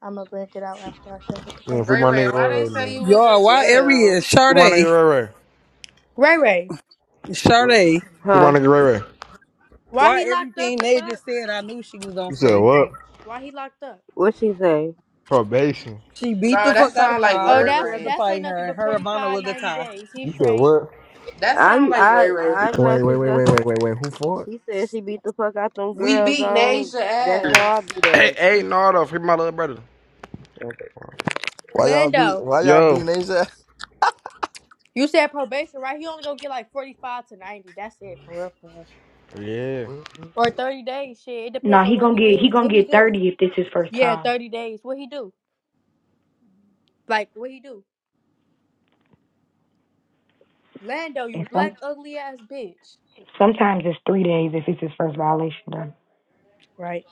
S2: I'ma blank it out after I get out the
S15: Man,
S2: bathroom.
S15: free
S10: Ray
S15: my
S10: Ray,
S15: nigga
S10: why
S15: Ray
S10: they
S15: Ray,
S10: say
S15: man.
S10: you was in
S6: Y'all, why every year?
S10: jail?
S15: Free my
S6: Sade.
S15: nigga Ray Ray.
S2: Ray Ray,
S15: What?
S6: Sade,
S15: Free my
S4: huh?
S15: nigga Ray Ray.
S2: why
S6: why
S2: he locked
S6: everything
S2: up? The
S6: they
S2: fuck?
S6: just said, I knew she was gonna
S15: You said
S6: say.
S15: what?
S2: Why he locked up?
S4: What she say?
S15: Probation.
S6: She beat the
S10: Bro, that
S6: fuck out of
S10: sound like
S6: Pa. I
S2: Oh,
S10: Ray
S6: was
S2: that's
S6: scared to
S10: Ray.
S2: that's ain't
S6: fight
S2: nothing
S6: her, and
S2: but
S6: her Ivana
S2: 45,
S6: was a
S2: 90
S6: tie.
S2: days. He
S15: You said
S2: straight.
S15: what?
S10: That
S4: I
S10: sound like Ray
S4: I
S10: Ray.
S4: I know
S14: Wait, wait,
S4: she's
S14: wait,
S4: gonna.
S14: wait, wait, wait, wait. Who for it?
S4: She said she beat the fuck out them
S10: We
S4: girls
S10: beat
S4: on.
S10: Nasia
S4: That's how I
S10: ass.
S4: beat
S15: Hey,
S4: up.
S15: hey, no, though. Free my little brother. Okay.
S14: Why y'all be?
S2: Lando,
S14: Why y'all be
S15: Yo.
S14: Asia? *laughs*
S2: you said probation, right? He only gonna get like forty five to ninety. That's it for real, for real.
S15: Yeah. You
S14: Well,
S2: Or thirty days. Shit, it
S5: Nah,
S2: depends on
S5: he
S2: what
S5: gonna
S2: he
S5: get he
S2: did.
S5: gonna
S2: What he
S5: get
S2: do?
S5: thirty if this his first
S2: Yeah,
S5: time.
S2: thirty days. What he do? Like what he do? Lando, you
S5: And some.
S2: black ugly ass bitch.
S5: Sometimes it's three days if it's his first violation. done.
S2: Right.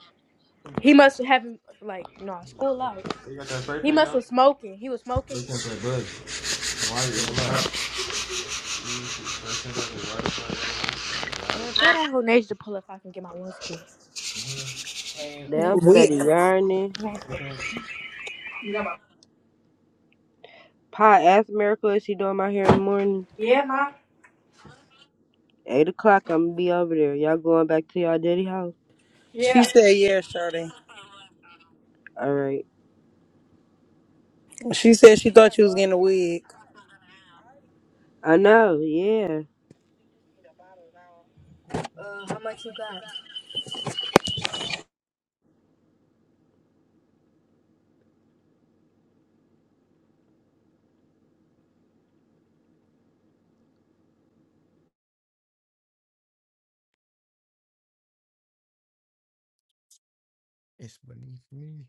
S2: He must have like nah, school out.
S15: got that spray
S2: He
S15: paint
S2: must
S15: on?
S2: was smoking. He was smoking.
S15: Spray paint that bud. Why you
S2: Man, tell that whole nation to pull up if I can get my ones again.
S4: Damn
S6: We,
S4: study yarning.
S2: Okay.
S4: Pa ask Miracle if she doing my hair in the morning. Eight o'clock. I'm gonna be over there. Y'all going back to y'all daddy house?
S6: she said, yeah, Sade.
S4: All right.
S6: She said she thought you was getting a wig.
S4: I know. Yeah.
S14: It's beneath me.